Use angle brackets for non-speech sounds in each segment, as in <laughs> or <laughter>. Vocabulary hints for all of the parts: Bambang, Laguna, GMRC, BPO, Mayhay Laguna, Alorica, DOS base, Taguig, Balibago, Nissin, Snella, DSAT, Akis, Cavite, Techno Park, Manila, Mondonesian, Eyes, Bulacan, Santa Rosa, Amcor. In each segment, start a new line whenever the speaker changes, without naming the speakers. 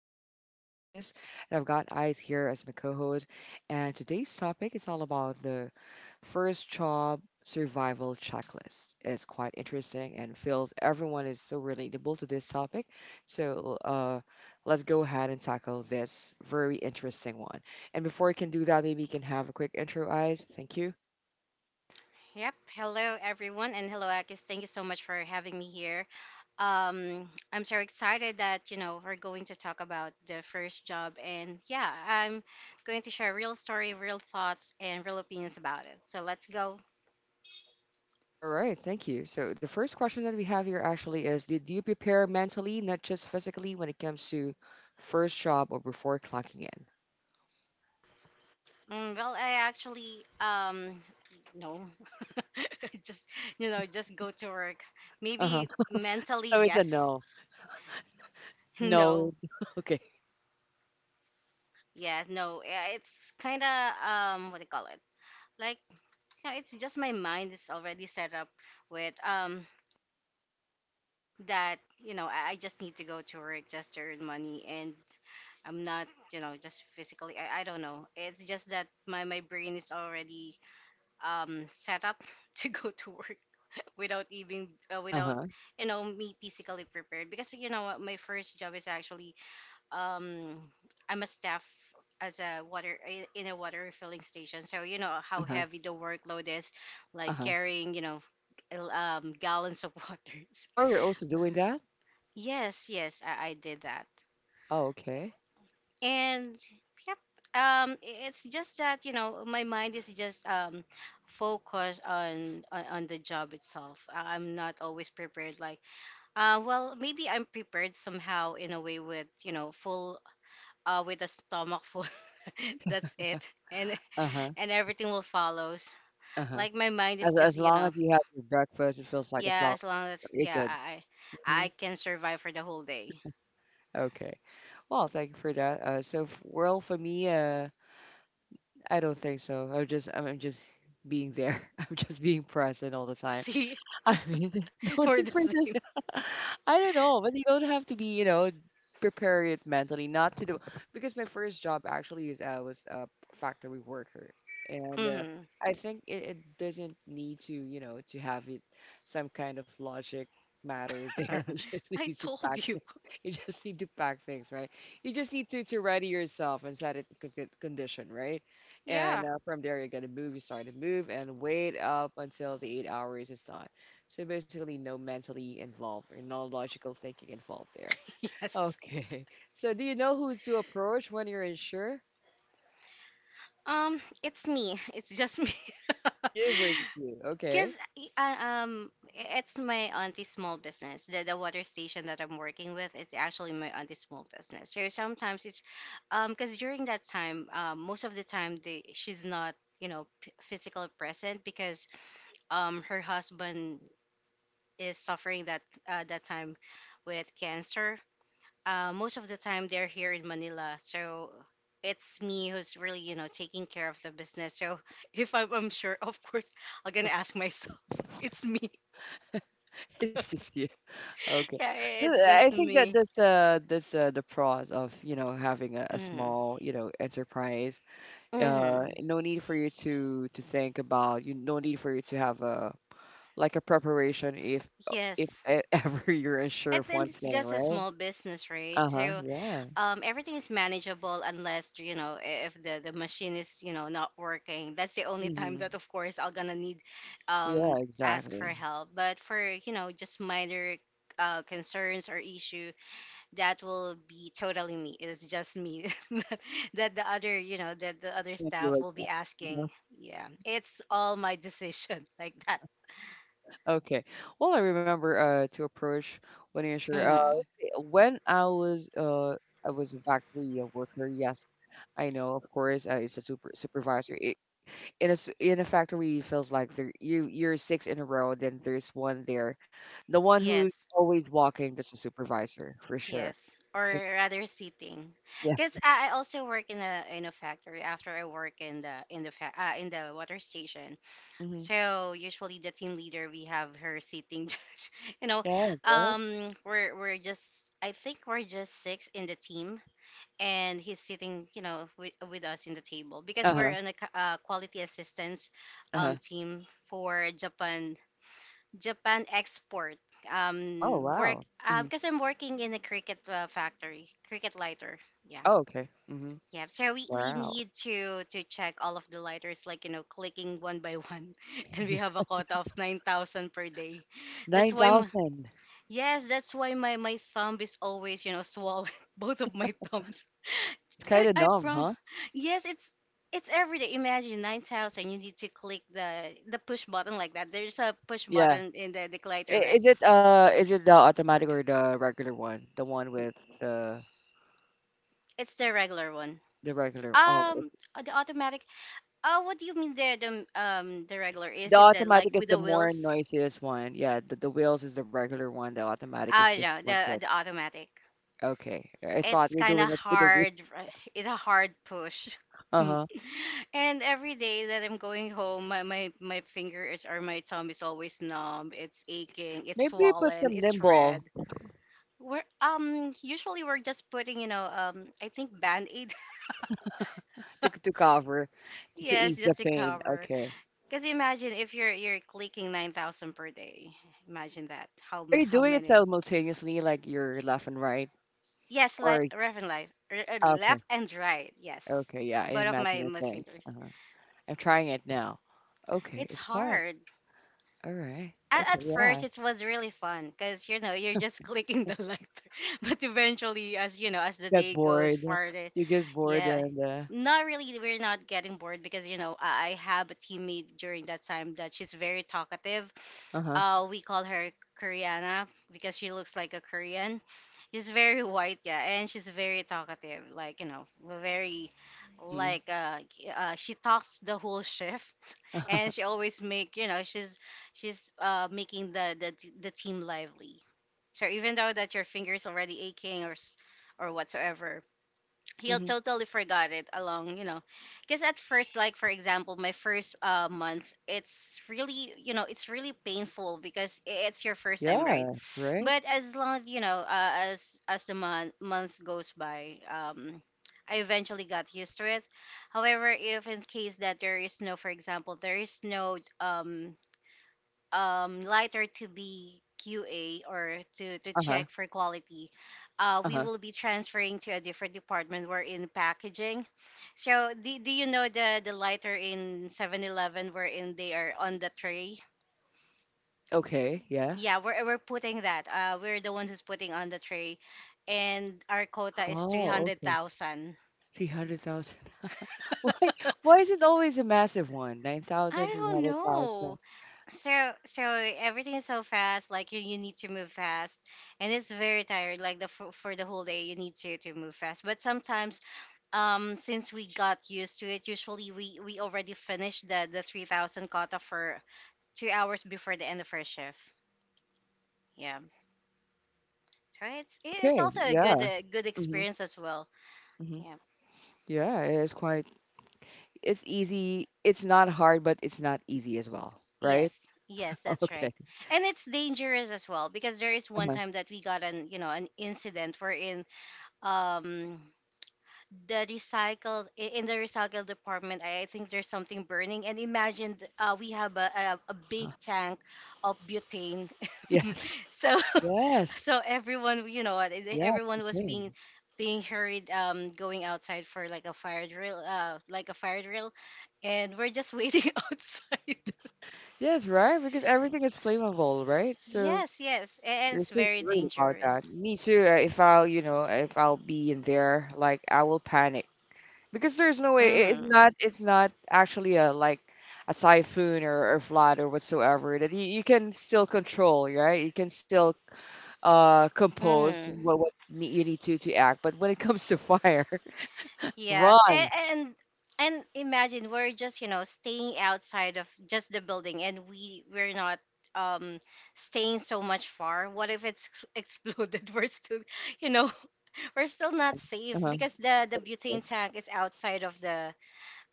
real. My name is Akis, and I've got Eyes here as my co-host. And today's topic is all about the first job survival checklist. It's quite interesting and feels everyone is so relatable to this topic. So uh, let's go ahead and tackle this very interesting one. And before I can do that, maybe you can have a quick intro, Eyes. Thank you.
Yep. Hello, everyone, and hello, Akis. Thank you so much for having me here. I'm so excited that we're going to talk about the first job, and yeah, I'm going to share real story, real thoughts, and real opinions about it. So let's go.
All right, thank you. So the first question that we have here actually is, did you prepare mentally, not just physically, when it comes to first job or before clocking in?
Well, I actually no, <laughs> just just go to work.
Uh-huh.
Maybe mentally
So it's a
yes,
no.
<laughs> no,
No. <laughs> Okay.
yes, no. Yeah, it's kind of what do you call it? Like, no, it's just my mind is already set up with that I just need to go to work just to earn money, and I'm not just physically I don't know, it's just that my brain is already set up <laughs> to go to work without even without
Uh-huh.
me physically prepared, because what my first job is actually um I'm a staff as a water in a water refilling station. So how
Uh-huh.
heavy the workload is, like
Uh-huh.
carrying, gallons of <laughs> waters.
Oh, you're also doing that?
Yes, yes, I did that,
Oh, okay.
and yep. It's just that my mind is just focused on the job itself. I'm not always prepared. Like, well, maybe I'm prepared somehow in a way with full, with a stomach full. <laughs> That's it, and
Uh-huh.
everything will follows.
Uh-huh.
Like my mind is just,
As long as you have your breakfast, it feels like it's
yeah,
long.
as long as,
You're
yeah,
good.
I
Hmm.
I can survive for the whole day.
Okay. Well, thank you for that. So, well, for me, I don't think so. I'm just being there. <laughs> I'm just being present all the
<laughs>
time.
See,
I
it's
mean, <laughs> no
for
need
the
for
same.
this. <laughs> I don't know, but you don't have to be, you know, prepare it mentally not to do because my first job actually is I was a factory worker, and
Mhm.
I think it doesn't need to, you know, to have it some kind of logic matter there. <laughs> You
<laughs>
just need
I
to pack.
told you.
<laughs> You just need to pack things, right? You just need to ready yourself and set it to condition, right? And
Yeah. <laughs>
uh, from there, you gotta move. You start to move and wait up until the eight hours is done. So basically, no mentally involved or no logical thinking involved there.
Yes.
Okay. <laughs> So do you know who's to approach when you're unsure?
It's me. It's just me. <laughs>
You versus you. Okay.
Because, it's my auntie's small business. The water station that I'm working with is actually my auntie's small business. So sometimes it's, because during that time, most of the time they, she's not, physically present, because, her husband is suffering that, that time, with cancer. Most of the time they're here in Manila, so it's me who's really, taking care of the business. So <laughs> if I'm sure, of course, I'm gonna ask myself. <laughs> It's me.
<laughs> It's just you. Okay.
Yeah, it's
I
just
think that
me.
that's uh that's uh, the pros of you know having a
Mm.
small you know enterprise.
Hmm.
No need for you to think about you. No need for you to have a like a preparation if
Yes.
<laughs> ever you're unsure of one
And it's
thing,
just a
right?
small business, right?
Uh huh.
So,
Yeah.
everything is manageable unless, if the machine is, not working. That's the only time
Hmm.
that, of course, I'm going to need,
Yeah,
um, ask for
exactly.
help. But for, just minor, concerns or issue, that will be totally me. It's just me <laughs> that the other, that the
You
other
and you
staff will
again.
be
Mhm.
asking. Yeah, it's all my decision <laughs> like that.
Okay. Well, I remember to approach when you sure uh
Hmm.
when I was uh I was a factory worker. Yes, I know. Of course, it's a supervisor. It, in a s- In a factory, it feels like there you you're six in a row. Then there's one there, the one who's
Yes,
always walking. That's a supervisor for sure.
yes, or
And-
rather sitting,
Yeah.
because I also work in a factory after I work in the water station.
Mm-hmm.
So usually the team leader we have her sitting, <laughs> you know,
Yeah. Right.
we're just, I think we're just six in the team, and he's sitting, you know, with us in the table, because
Uh
we're
huh.
in a quality assistance
Uh huh.
team for Japan export.
Oh
Work
wow. Mm-hmm.
because I'm working in a cricket, factory, cricket lighter. Yeah,
Oh okay. Mm-hmm.
yeah. So we
Wow.
need to check all of the lighters, like, clicking one by one, <laughs>
<laughs>
and we
Yes.
have a quota of 9,000 per day. That's why my,
9,000.
yes, that's why my thumb is always, swollen, <laughs> both of my thumbs.
It's
I,
kind of
I
numb,
prom,
huh?
yes, it's. It's every day. Imagine 9,000. You need to click the push button like that. There's a push
Yeah.
button in the glider, right?
Is it the automatic or the regular one? The one with
It's the regular one.
the regular. Oh, it's-
The automatic. What do you mean the regular?
the
Is it the like
automatic is
with
the
the
more
wheels?
noisiest one. Yeah, the wheels is the regular one. The automatic is
Ah,
just
yeah,
one
the
click.
the automatic.
Okay. I thought
It's
we're
kind of
doing it with the wheel.
hard. <laughs> It's a hard push. <laughs> Mm.
Uh-huh.
And every day that I'm going home, my finger is, or my thumb is always numb. It's aching. It's
Maybe you put
swollen.
some
It's red.
nimble
We're usually we're just putting, I think, band aid.
to cover
<laughs>
to
Yes,
ease the
just to
pain.
cover.
Okay.
Because imagine if you're clicking 9,000 per day. Imagine that.
Are you
How
doing it
many?
simultaneously like you're left and right
Yes,
or
left and life,
okay.
left and right. Yes,
Okay, yeah, I
both of my
imagine it.
my
Thanks.
fingers.
Uh-huh. I'm trying it now. Okay,
It's
it's quiet.
hard.
All right.
At,
Okay,
at first,
yeah.
it was really fun, because you're just <laughs> clicking the lighter. <laughs> But eventually, as the
Get
day goes
bored.
farther,
You get bored
yeah,
and
not really. We're not getting bored, because I have a teammate during that time that she's very talkative.
uh-huh.
We call her Koreana because she looks like a Korean. She's very white, yeah, and she's very talkative. Like, very,
Mm-hmm.
like, she talks the whole shift, <laughs> and she always make, she's making the team lively. So even though that your fingers already aching or whatsoever, he'll
Mm-hmm.
totally forgot it along, because at first, like, for example, my first months it's really, painful, because it's your first time,
Yeah,
right?
right?
But as long, as the months goes by, I eventually got used to it. However, if in case that there is no, for example, there is no, lighter to be QA, or to
Uh-huh.
check for quality, we
Uh-huh.
will be transferring to a different department. We're in packaging. So, do, do you know the lighter in 7-Eleven Eleven, wherein they are on the tray?
Okay, yeah.
Yeah, we're putting that. We're the ones who's putting on the tray. And our quota is
Oh, okay.
300,000.
300,000. <laughs> Why why is it always a massive one?
I
9,000,
don't know.
300,000.
So everything is so fast, like, you need to move fast, and it's very tired, like, for the whole day you need to move fast. But sometimes, since we got used to it, usually we already finished the 3,000 kata for 2 hours before the end of our shift, yeah. So it's
Okay,
also a good,
yeah.
good
Hmm.
experience as well.
Hmm.
Yeah.
Yeah, it is quite it's easy. It's not hard, but it's not easy as well, right?
Yes, yes,
<laughs>
that's
Okay.
right. And it's dangerous as well, because there is one
Uh-huh.
time that we got an you know an incident wherein, um in the recycle department, I think there's something burning, and imagine, we have a, big tank of butane. <laughs>
Yes.
So, <laughs>
Yes.
so everyone you know what, eh,
Yeah,
everyone
it's
was being
insane.
being hurried, going outside for, like, a fire drill, and we're just waiting <laughs> outside.
Yes, right? Because everything is flammable, right? So
Yes, yes, and
you're
it's
so
very
worried about that.
dangerous.
Me too. If I'll, you know, if I'll be in there, like I will panic because there's no way. It's
Hmm.
not. It's not actually a like a typhoon or flood or whatsoever that you can still control, right? You can still compose what you need to act. But when it comes to fire, <laughs>
Yes, and,
run.
and and imagine we're just, staying outside of just the building, and we're not, um staying so much far. What if it's <laughs> exploded? We're still, you know <laughs> we're still not
Uh
safe,
huh.
because the butane tank is outside of the,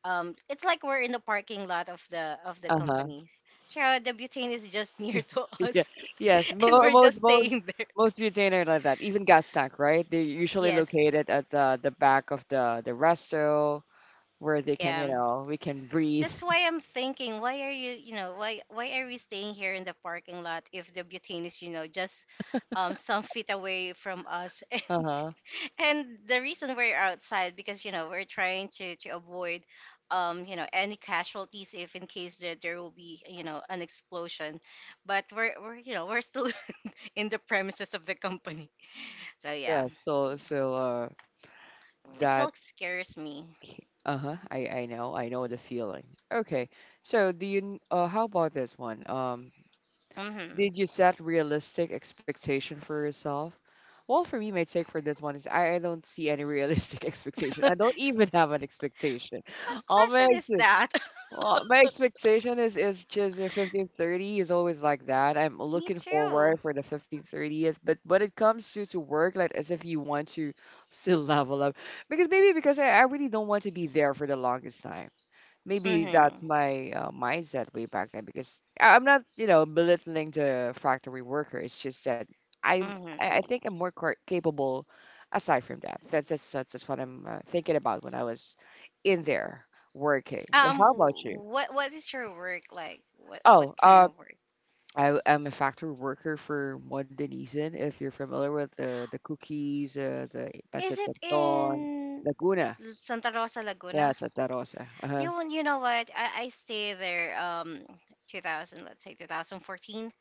it's like we're in the parking lot of the
Uh huh.
company. So the butane is just <laughs> near to
Yeah.
us,
Yes.
<laughs> and
Mo-
we're
most
just
most
staying there.
most butane are like that. Even gas tank, right? They're usually
Yes.
located at the back of the resto where they can,
Yeah.
you know, we can breathe.
That's
<laughs>
why I'm thinking, why are you, you know, why are we staying here in the parking lot if the butane is, just, some feet away from us?
Uh-huh.
<laughs> And the reason we're outside, because we're trying to avoid, any casualties, if in case that there will be, an explosion. But we're you know we're still <laughs> in the premises of the company, so yeah,
Yeah. So so
it
that
still scares me.
uh-huh. I know. I know the feeling. Okay. So do you how about this one? Um,
Mm-hmm.
did you set realistic expectation for yourself? Well, for me, my take for this one is I don't see any realistic <laughs>
<laughs>
expectation.
What
I don't even have an expectation. All my
question is
ex-
that?
well, my expectation is just in 1530 is always like that. I'm
<laughs> Me
looking
too.
forward for the 1530th, but when it comes to work, like as if you want to still <laughs> level up, because maybe because I really don't want to be there for the longest time maybe that's
Mm-hmm.
my mindset way back then because I'm not, you know, belittling the factory worker. It's just that I'm, I
Mm-hmm.
think I'm more capable aside from that. That's just what I'm thinking about when I was in there working. But
Um,
how
w-
about you?
what what is your work like? What
Oh,
kind of work?
I am a factory worker for Mondonesian. If you're familiar with the cookies, the
Is
pancit
it
canton,
in
Laguna,
Santa Rosa,
yeah,
Laguna?
Santa Rosa. Uh-huh.
You won't- You know what? I stay there. 2000, let's say 2014.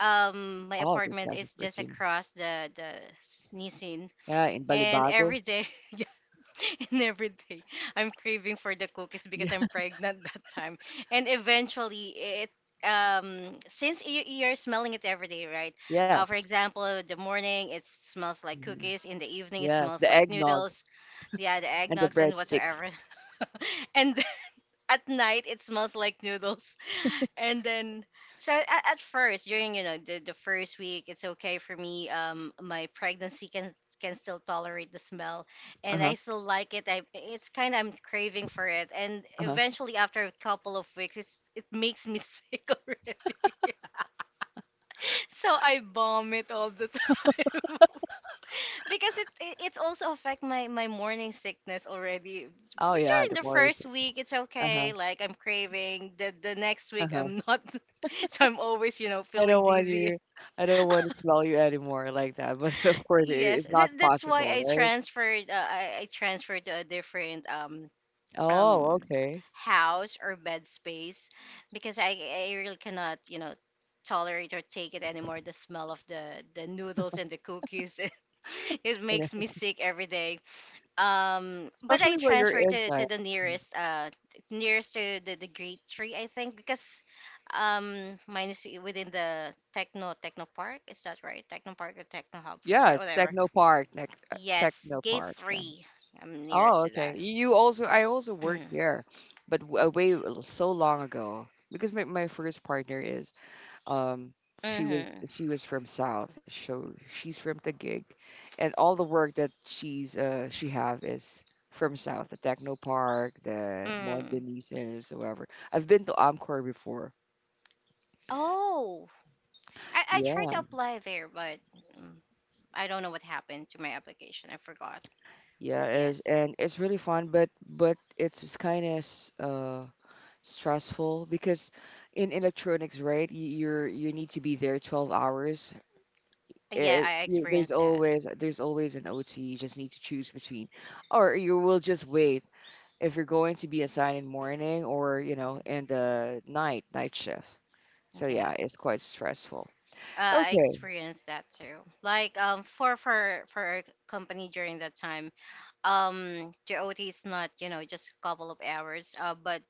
My
Oh,
apartment is just
2014.
across the Nissin,
Yeah, in
and
Balibago.
every day, <laughs> <laughs> and every day I'm craving for the cookies, because I'm
<laughs>
pregnant <laughs> that time. And eventually it since you're smelling it every day, right? Uh, for
Yes.
example, the morning it smells like
Mhm.
cookies, in the evening it
Yes,
smells
the
like
eggnog
noodles. Yeah, the
and the
eggnogs and whatsoever.
breadsticks.
<laughs> And at night it smells like noodles. <laughs> And then so at, at first, during the first week, it's okay for me. My pregnancy can still tolerate the smell, and
Uh-huh,
I still like it. I It's kind of, I'm craving for it. And
uh-huh.
eventually, after a couple of weeks, it makes me <laughs> sick already. <laughs> So I vomit all the <laughs> time, because it's also affect my morning sickness already.
Oh, yeah,
During
the
the
Oreo
first
sticks.
week, it's
Uh-huh,
okay, like I'm craving. The next week,
uh-huh.
I'm not, <laughs> so I'm always, you know,
I
feeling
don't want
dizzy.
you I don't want to smell you anymore like that, <laughs> but of course it,
Yes,
it's not
that's why
possible,
i
right?
transferred uh, I, I transferred to a different um
Oh, okay.
house or bed space, because I really cannot, you know, tolerate or take it anymore, the smell of the noodles and the cookies. <laughs> It
And <laughs> if-
makes me
it's-
sick every day. But I
especially when you're
transferred
inside.
to the
Mm.
nearest nearest to the grade three, I think, because mine is within the techno park. Is that right, techno park or techno hub,
Yeah,
whatever.
Techno Park,
Yes,
Techno
gate
Park. Yeah.
three. I'm
Oh,
nearest to
okay.
that.
You also, I also worked
<clears throat>
there, but way so long ago because my first partner is um,
Mm-hmm.
she was from South, so she's from Taguig, and all the work that she's she have is from South, the Techno Park, the
Mm.
Mondanises, whatever. I've been to Amcor before.
Oh, I tried to
Yeah,
apply there, but mm, I don't know what happened to my application. I forgot, but
yeah,
yes.
is and it's really fun, but it's kind of uh stressful because in electronics, right? You're you need to be there 12 hours
Yeah, I
there's
experienced that.
always an OT. You just need to choose between, or you will just wait if you're going to be assigned in morning or you know in the night shift. So
Yeah.
yeah, it's quite stressful.
I
Okay.
experienced that too. Like for our company during that time, the OT is not, you know, just a couple of hours, but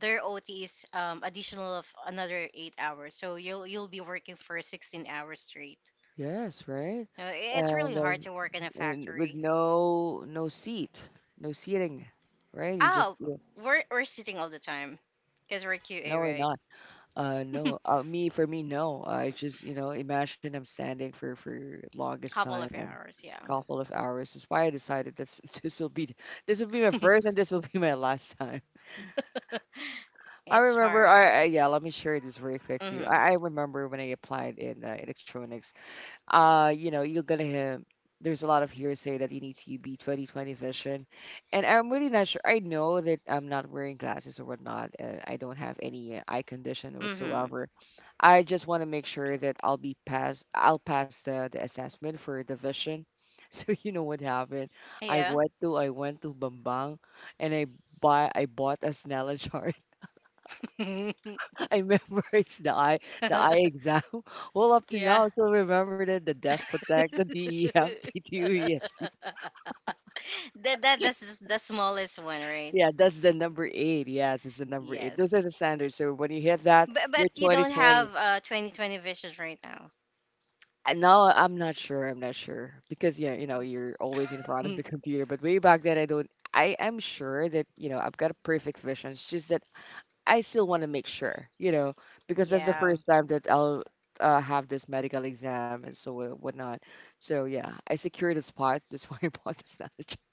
their OT is additional of another 8 hours. So you'll be working for 16 hours straight.
Yes. Right.
It's really
And um,
hard to work in a
and with
factory.
no no seat, no seating, right? You just
Oh,
yeah,
we're sitting all the time because we're QA,
no, we're
right?
not. No. Me for me, no. I just you know imagine I'm standing for longest
Couple
time
of
and
hours, yeah.
couple of hours is why I decided this <laughs> this will be my first and this will be my last time. <laughs> I
It's
remember.
hard.
I Yeah. Let me share this very quick to you.
Mhm.
I remember when I applied in electronics you know, you're gonna hear there's a lot of hearsay that you need to be 2020 vision, and I'm really not sure. I know that I'm not wearing glasses or whatnot. I don't have any eye condition
Mhm.
whatsoever. I just want to make sure that I'll be pass. I'll pass the assessment for the vision. <laughs> So you know what happened?
Yeah.
I went to Bambang, and I bought a Snella jar. <laughs> I memorized the eye
<laughs>
exam. <laughs> Well, up to
Yeah.
now, I still remembered it. The Def Protect, the DEF, PTU. <laughs>
<laughs> <laughs> That that's just the smallest one, right?
Yeah, that's the number eight. Yes, it's the number eight. Those
Yes.
are the standards. So when you hit that, you're
But you don't
2020.
have 2020 vision right now.
And now I'm not sure. I'm not sure because yeah, you know, you're always in front of the computer. But way back then, I don't. I am sure that you know I've got a perfect vision. It's just that I still want to make sure, you know,
<laughs>
because that's the
Yeah.
first time that I'll have this medical exam and so wha- whatnot. So yeah, I secured a spot. That's <laughs> why I bought this knowledge. <laughs>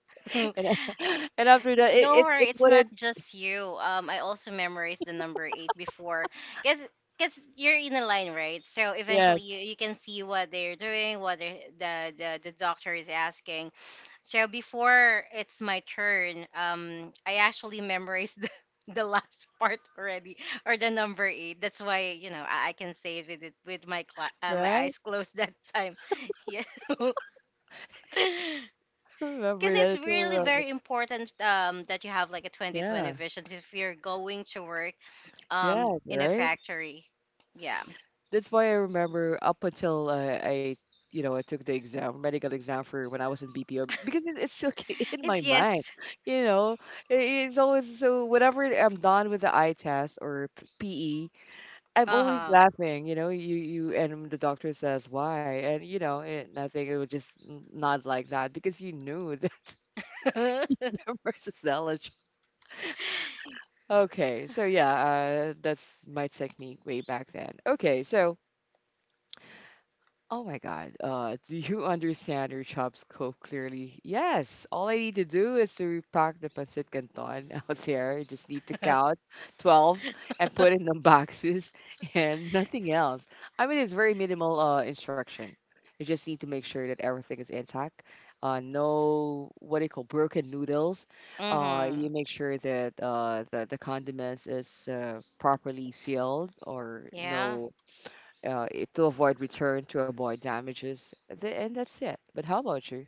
And
<laughs>
<laughs> and after that,
Don't
it
worry, it's not
wouldn't.
just you. I also memorized the number eight before, cause cause you're in a line, right? So eventually
Yes,
you, you can see what they're doing, the doctor is asking. So before it's my turn, I actually memorized <laughs> the last part already, or the number eight. That's why, you know, I can say it with my my
right.
eyes closed that time. <laughs> Yeah. <laughs>
<laughs>
Because
Remember that.
it's
It's
really
remember.
very important, that you have like a 2020
Yeah,
vision if you're going to work
yeah,
in a
right.
factory. Yeah.
That's why I remember up until I, you know, I took the exam, medical exam for when I was in BPO, because it's still <laughs> in my
It's
mind.
yes.
You know, it's always so. Whenever I'm done with the eye test or PE, I'm always
Uh
laughing. You know, you and the doctor says why, and you know, it, nothing. It was just not like that because you knew that
huh.
<laughs> versus knowledge. Okay, so yeah, that's my technique way back then. Okay, so oh my God. Do you <laughs> understand your job scope clearly? Yes. All I need to do is to repack the pancit canton <laughs> out there. I just need to count 12 and put in the boxes <laughs> and nothing else. I mean, it's very minimal instruction. You just need to make sure that everything is intact. No, what do you call broken noodles.
<laughs>
You
Hmm.
make sure that the condiments is properly sealed or
Yeah.
no to avoid return, to avoid damages, and that's it. But how about you?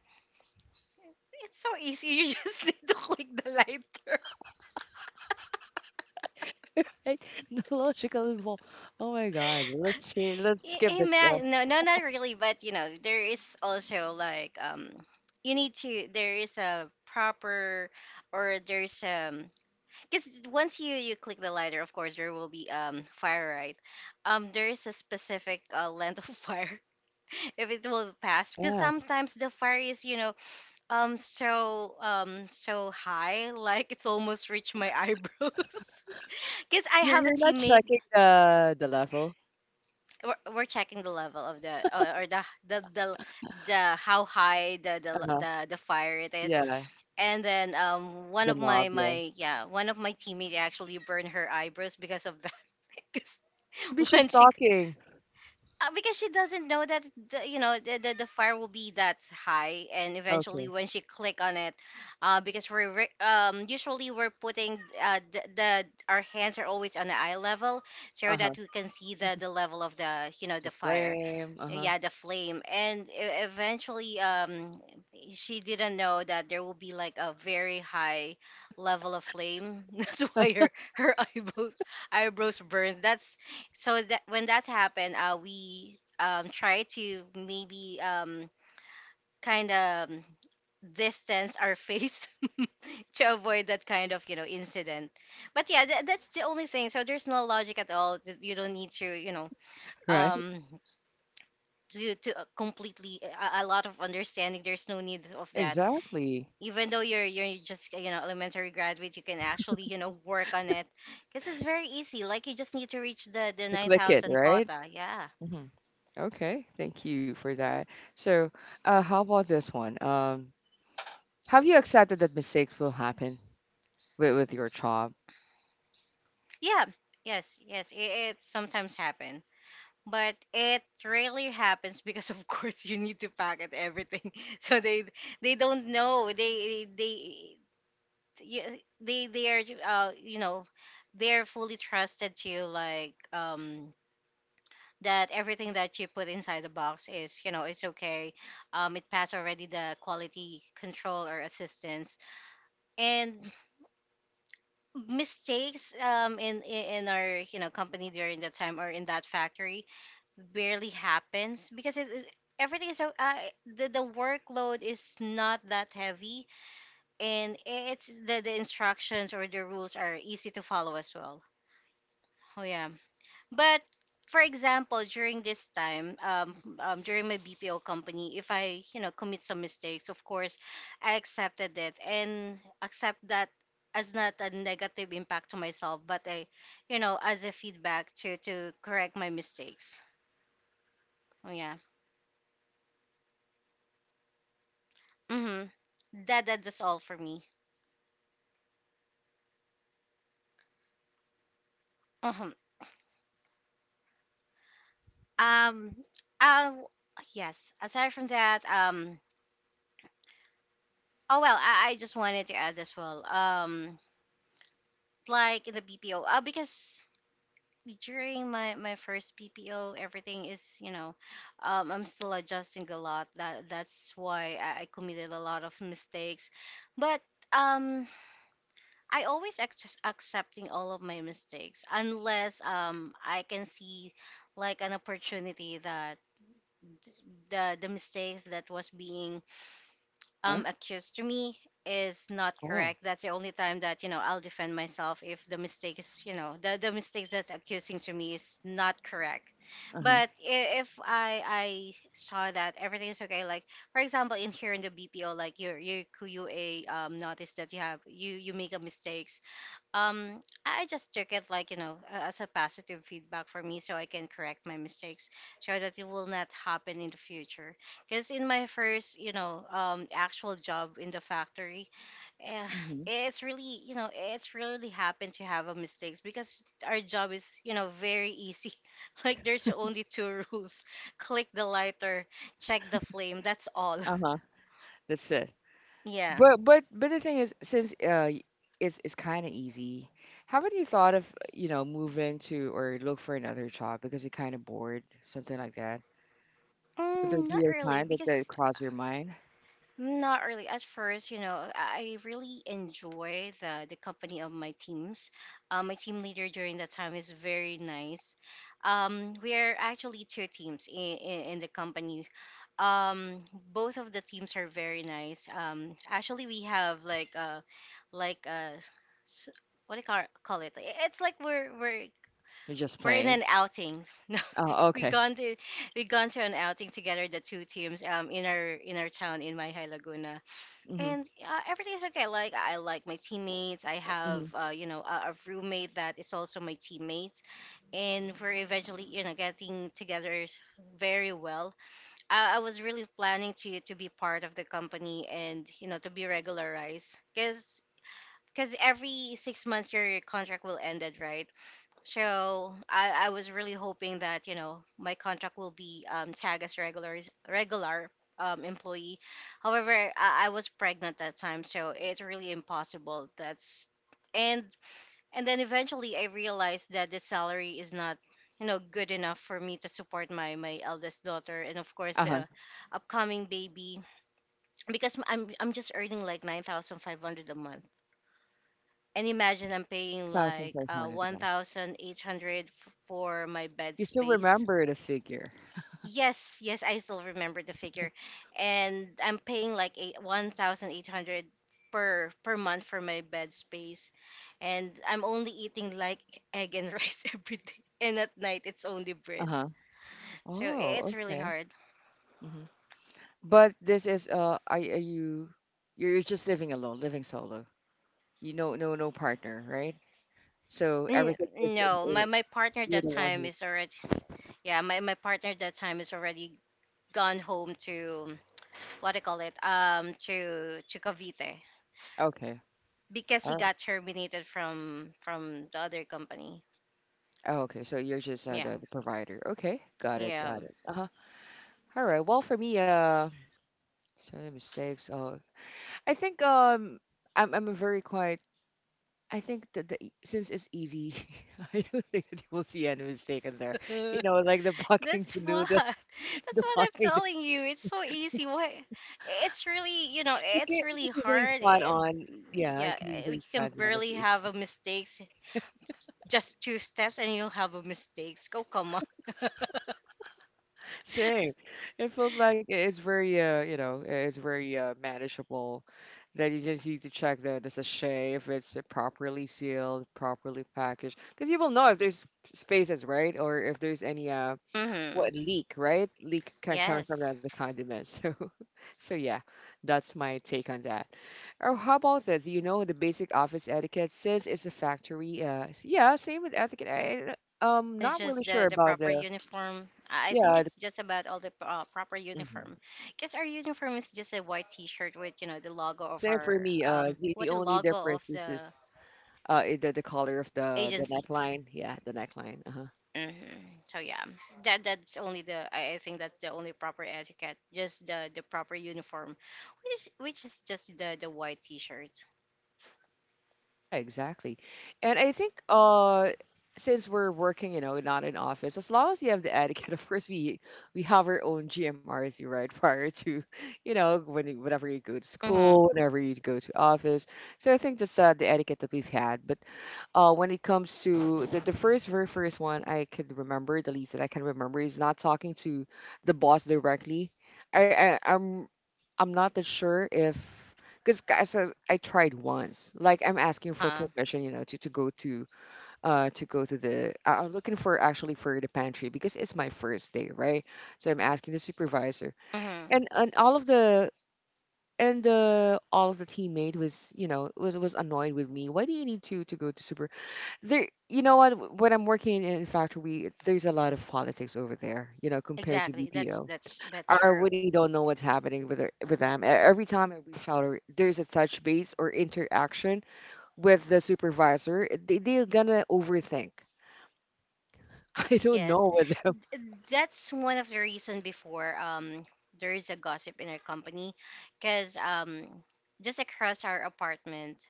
It's so easy. You just <laughs> need to click the lighter.
Right? <laughs> No logical involved. Oh my God. Let's change. Let's skip the.
Imagine, no, no, not really, but you know, there is also like, you need to. There is a proper, or there's because once you click the lighter, of course, there will be fire, right? There is a specific length of fire <laughs> if it will pass, because
Yes.
sometimes the fire is, you know, so high, like it's almost reached my eyebrows <laughs> because I
You're
have a
you're not
teammate.
checking the level.
We're checking the level of the the the how high the
Uh
l-
huh.
the the fire it is.
Yeah.
And then
The knob. Yeah.
one of my teammates actually burned her eyebrows because of that.
Maybe
<laughs> <laughs> When
she's
she,
talking.
because she doesn't know that the the fire will be that high. And eventually
Okay.
when she click on it, uh, because usually we're putting, uh, the our hands are always on the eye level, so
Uh
that
huh.
we can see the level of the, you know,
The
the fire.
flame. Uh huh.
Yeah, the flame. And eventually she didn't know that there will be like a very high level of flame, <laughs> that's why her <laughs> eyebrows burned. That's So that when that's happened, we, try to maybe, kind of distance our face <laughs> to avoid that kind of, you know, incident. But yeah, that's the only thing. So there's no logic at all. You don't need to, you know,
Right.
um, do to completely a lot of understanding. There's no need of that.
Exactly.
Even though you're just, you know, elementary graduate, you can actually, you know, work on it because it's very easy. Like, you just need to reach the
To
nine
click it.
thousand
Right.
quota. Yeah.
Hmm. Okay. Thank you for that. So, how about this one? Have you accepted that mistakes will happen? With your job.
Yeah, yes, yes, it sometimes happen, but it rarely happens because, of <laughs> course, you need to pack packet everything, <laughs> so they don't know they are you know they're fully trusted to you, like, that everything that you put inside the box is, you know, it's okay. It passed already the quality control or assistance. And mistakes in our, you know, company during that time or in that factory barely happens because everything is so, the workload is not that heavy, and it's the instructions or the rules are easy to follow as well. Oh yeah. But for example, during this time, during my BPO company, if I, you know, commit some mistakes, of course, I accepted it and accept that as not a negative impact to myself, but a, you know, as a feedback to correct my mistakes. Oh yeah. Mm-hmm. That's all for me. Mhm. Um. Uh. Yes. Aside from that. Oh well, I just wanted to add as well. Like in the BPO, because during my first BPO, everything is, you know, I'm still adjusting a lot. That's why I committed a lot of mistakes, but um I always just accepting all of my mistakes, unless I can see like an opportunity that the mistakes that was being
Uh-huh.
accused to me is not
Oh,
correct. That's the only time that, you know, I'll defend myself, if the mistake is, you know, the mistakes that's accusing to me is not correct.
uh-huh.
But if I I saw that everything is okay, like for example in here in the BPO, like your QA notice that you have you make a mistake, um I just took it like, you know, as a positive feedback for me, so I can correct my mistakes, so that it will not happen in the future. Because in my first, you know, actual job in the factory, eh,
Mhm.
it's really, you know, it's really happened to have a mistakes, because our job is, you know, very easy. <laughs> Like, there's only two rules: <laughs> click the lighter, check the flame, that's all.
Uh-huh. That's it.
<laughs> Yeah.
But the thing is, since it's kind of easy, haven't you thought of, you know, moving to or look for another job because you're kind of bored, something like that? Would there be
Not
a time
really,
that that
because
crossed your mind?
not really. At first, you know, I really enjoy the company of my teams. My team leader during that time is very nice. We are actually two teams in the company. Um, both of the teams are very nice. Actually, we have like, like uh, s- s- what do you call, call it? It's like we're we're
You're just
we're in
playing.
an outing. <laughs> No,
Oh,
we
okay.
gone to we gone to an outing together, the two teams, in our town in Mayhay Laguna,
Mm-hmm.
and everything is okay. Like I like my teammates. I
Mhm.
have, you know, a roommate that is also my teammate, and we're eventually, you know, getting together very well. I was really planning to be part of the company and, you know, to be regularized, because. Because every 6 months your contract will end, right? So I was really hoping that, you know, my contract will be, tagged as regular employee. However, I was pregnant that time, so it's really impossible. That's, and and then eventually I realized that the salary is not, you know, good enough for me to support my eldest daughter and of course
Uh-huh.
the upcoming baby, because I'm just earning like 9,500 a month, and imagine I'm paying like,
9,500 a month.
1,800 for my bed
You still
space.
remember the figure.
Yes, yes, I still remember the figure. And I'm paying like 1,800 per month for my bed space. And I'm only eating like egg and <laughs> rice every day. And at night, it's only bread.
Uh-huh.
So it's
Oh,
really
okay.
hard.
Mm-hmm. But this is are you you're just living alone, living solo. You know, no no partner, right? So everything is
No, my partner
you're the
that
one
time
who.
is already, yeah, my partner that time is already gone home to, what do you call it, to Cavite,
Okay,
because
all
he
right.
got terminated from the other company.
Oh, okay. So you're just
Yeah,
the provider. Okay, got it,
yeah.
got it. Uh huh. All right. Well, for me, so the mistakes. I think I'm a very quiet. I think that since it's easy, <laughs> I don't think that you will see any mistake in there. You know, like the <laughs> fucking
That's
to
what. <laughs>
noodles, <laughs>
That's
the
what I'm
fucking.
telling you. It's so easy. Why? It's really, you know, it's
You can
really
easily
hard.
spot
Eh,
on yeah, I
yeah,
can
eh,
easily
you can
spot on a
barely
face.
have a mistakes. Just two steps, and you'll have a mistakes. Go, come on.
Same. It feels like it's very you know, it's very manageable that you just need to check the sachet if it's properly sealed, properly packaged. Because you will know if there's spaces, right? Or if there's any
Mm-hmm.
what leak, right? Leak kind coming from
Yes.
the condiment. <laughs> So so yeah, that's my take on that. Or how about this? You know, the basic office etiquette says it's a factory. Yeah, same with etiquette. I,
It's
not really
just
sure
the
about
proper
the
uniform. I think
yeah. The,
it's just about all the proper
mhm.
uniform, because our uniform is just a white T-shirt with, you know, the logo of
Same for
our,
me.
um,
The
what, a
only
logo of
difference is
the
is the color of the
agency.
neckline. Yeah, the neckline. Uh-huh.
Hmm. So yeah, that that's only the, I think that's the only proper etiquette. Just the proper uniform, which is just the white T-shirt.
Yeah, exactly. And I think since we're working, you know, not in office, as long as you have the etiquette, <laughs> of course we have our own GMRC, right? <laughs> Prior to, you know, whenever you go to
Mm-hmm.
school, whenever you go to office. So I think that's the etiquette that we've had. But when it comes to the first very first one I could remember, the least that I can remember is not talking to the boss directly. I, I I'm I'm not that sure if because guys I tried once. Like I'm asking for
Uh,
permission, you know, to go to go to the I'm looking for actually for the pantry because it's my first day, right? So I'm asking the supervisor,
mm-hmm.
and all of the and all of the teammate was you know was annoyed with me. Why do you need to go to supervisor? There you know what, when I'm working in factory there's a lot of politics over there, you know, compared to
Exactly. That's
BPO.
that's that's
I
true.
really don't know what's happening with them. E- every time I reach out or there's a touch base or interaction with the supervisor they, they're gonna overthink. <laughs> I don't
Yes.
know with them. <laughs>
That's one of the reason before. There is a gossip in our company because, just across our apartment,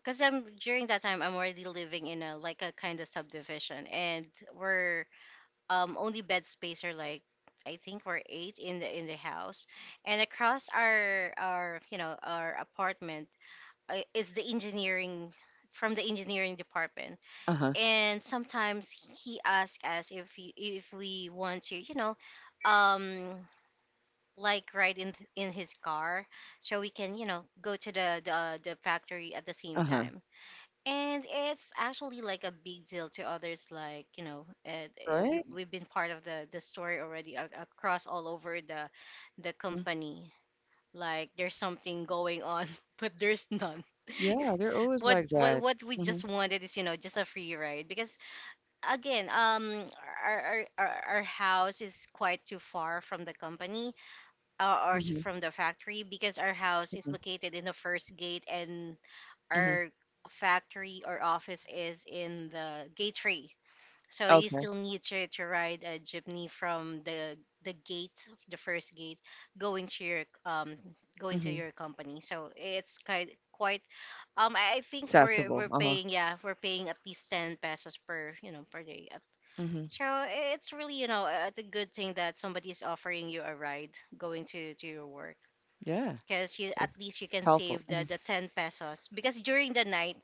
because I'm— during that time I'm already living in a like a kind of subdivision and we're, only bed space are like, I think we're eight in the house, and across our you know our apartment is the engineering, from the engineering department.
Uh-huh.
And sometimes he asks us if he, if we want to you know, um like ride in in his car so we can you know go to the factory at the same
Uh-huh.
time. And it's actually like a big deal to others, like you know,
All
you—
right.
we've been part of the story already across all over the
Mm-hmm.
company, like there's something going on <laughs> but there's none. <laughs>
Yeah, they're always
what
like
what
that.
what we just
Mm-hmm.
wanted is you know just a free ride, because again, our house is quite too far from the company, or,
Mm-hmm.
from the factory, because our house is located in the first gate and
Mm-hmm.
our factory or office is in the gate three. So you
Okay.
still need to ride a jeepney from the first gate, going to your um going to
Mm-hmm.
your company. So it's quite I think we're
Accessible,
we're
uh-huh.
paying— yeah, we're paying at least ten pesos per you know per day at—
Mm-hmm.
so it's really, you know, it's a good thing that somebody is offering you a ride going to your work,
Yeah.
because you, at
It's
least you can
helpful.
save the 10 pesos, because during the night,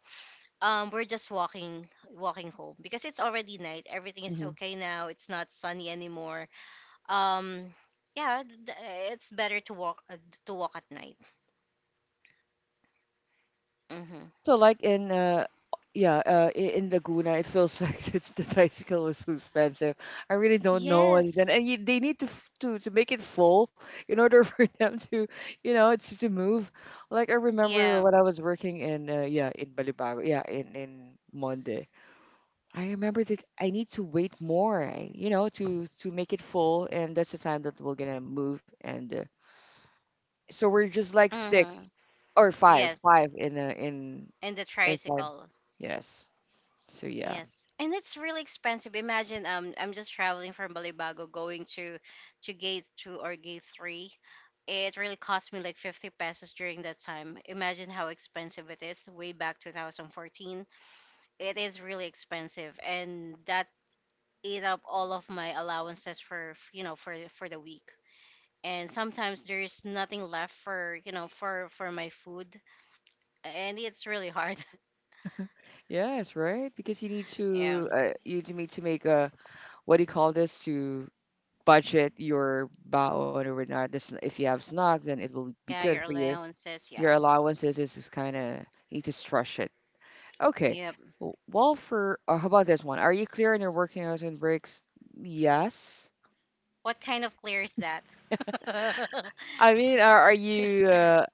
we're just walking, walking home because it's already night, everything is
Mm-hmm.
okay now, it's not sunny anymore. um yeah, it's better to walk, to walk at night. Mm-hmm.
Also like in yeah in Laguna it feels like <laughs> the tricycle was too expensive. I really don't know what
Yes.
and you, they need to to make it full in order <laughs> for them to you know to move. Like I remember
Yeah.
when I was working in yeah in Balibago, yeah in Monde. I remember that I need to wait more you know to make it full and that's the time that we're gonna move and so we're just like
Mm-hmm.
six or
Yes,
five in
and the
it's like
tricycle.
yes. So yeah,
Yes, and it's really expensive. Imagine, I'm just traveling from Balibago going to gate 2 or gate 3. It really cost me like 50 pesos during that time. Imagine how expensive it is way back 2014. It is really expensive and that ate up all of my allowances for, you know, for the week. And sometimes there is nothing left for, you know, for my food, and it's really hard. <laughs>
yes, right? Because you need
Yeah.
to you do need to make a what do you call this to budget your baon or whatnot. This if you have snacks, then it will be
Yeah,
good
your
for you.
allowances, yeah.
Your allowances is just kind of need to stretch it. Okay.
Yeah.
Well, for how about this one? Are you clear on your working hours and breaks? Yes.
What kind of clear is that? <laughs>
I mean, are you?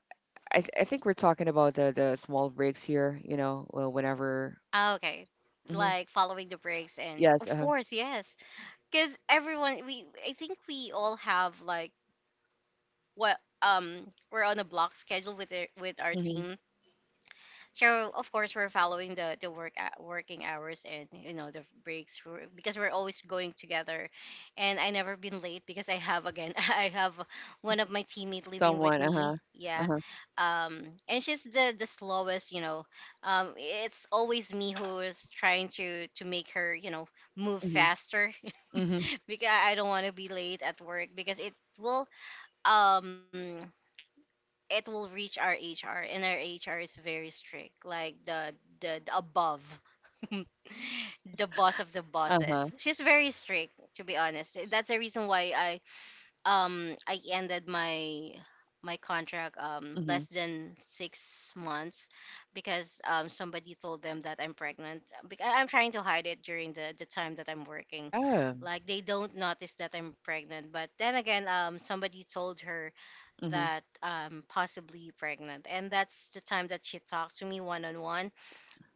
I think we're talking about the small breaks here. You know, whenever.
Ah, okay.
Hmm.
Like following the breaks, and
Yes.
of
Uh-huh.
course, yes. Cuz everyone— we, I think we all have like, what we're on a block schedule with with our
Mm-hmm.
team. So of course we're following the working hours and you know the breaks because we're always going together. And I never been late because I have, again, <laughs> I have one of my teammate living with
Someone,
me,
uh-huh.
yeah.
Uh-huh.
um and she's the slowest, you know. It's always me who is trying to make her, you know, move
Mhm.
faster.
Mhm.
<laughs> Because I don't want to be late at work, because it will, um it will reach our HR, and our HR is very strict, like the above, <laughs> the boss of the bosses.
Uh-huh.
She's very strict, to be honest. That's the reason why I, I ended my contract less
Mhm.
than 6 months, because, somebody told them that I'm pregnant. I'm trying to hide it during the time that I'm working,
Yeah.
like they don't notice that I'm pregnant. But then again, somebody told her
Mhm.
that, possibly pregnant, and that's the time that she talks to me one on one.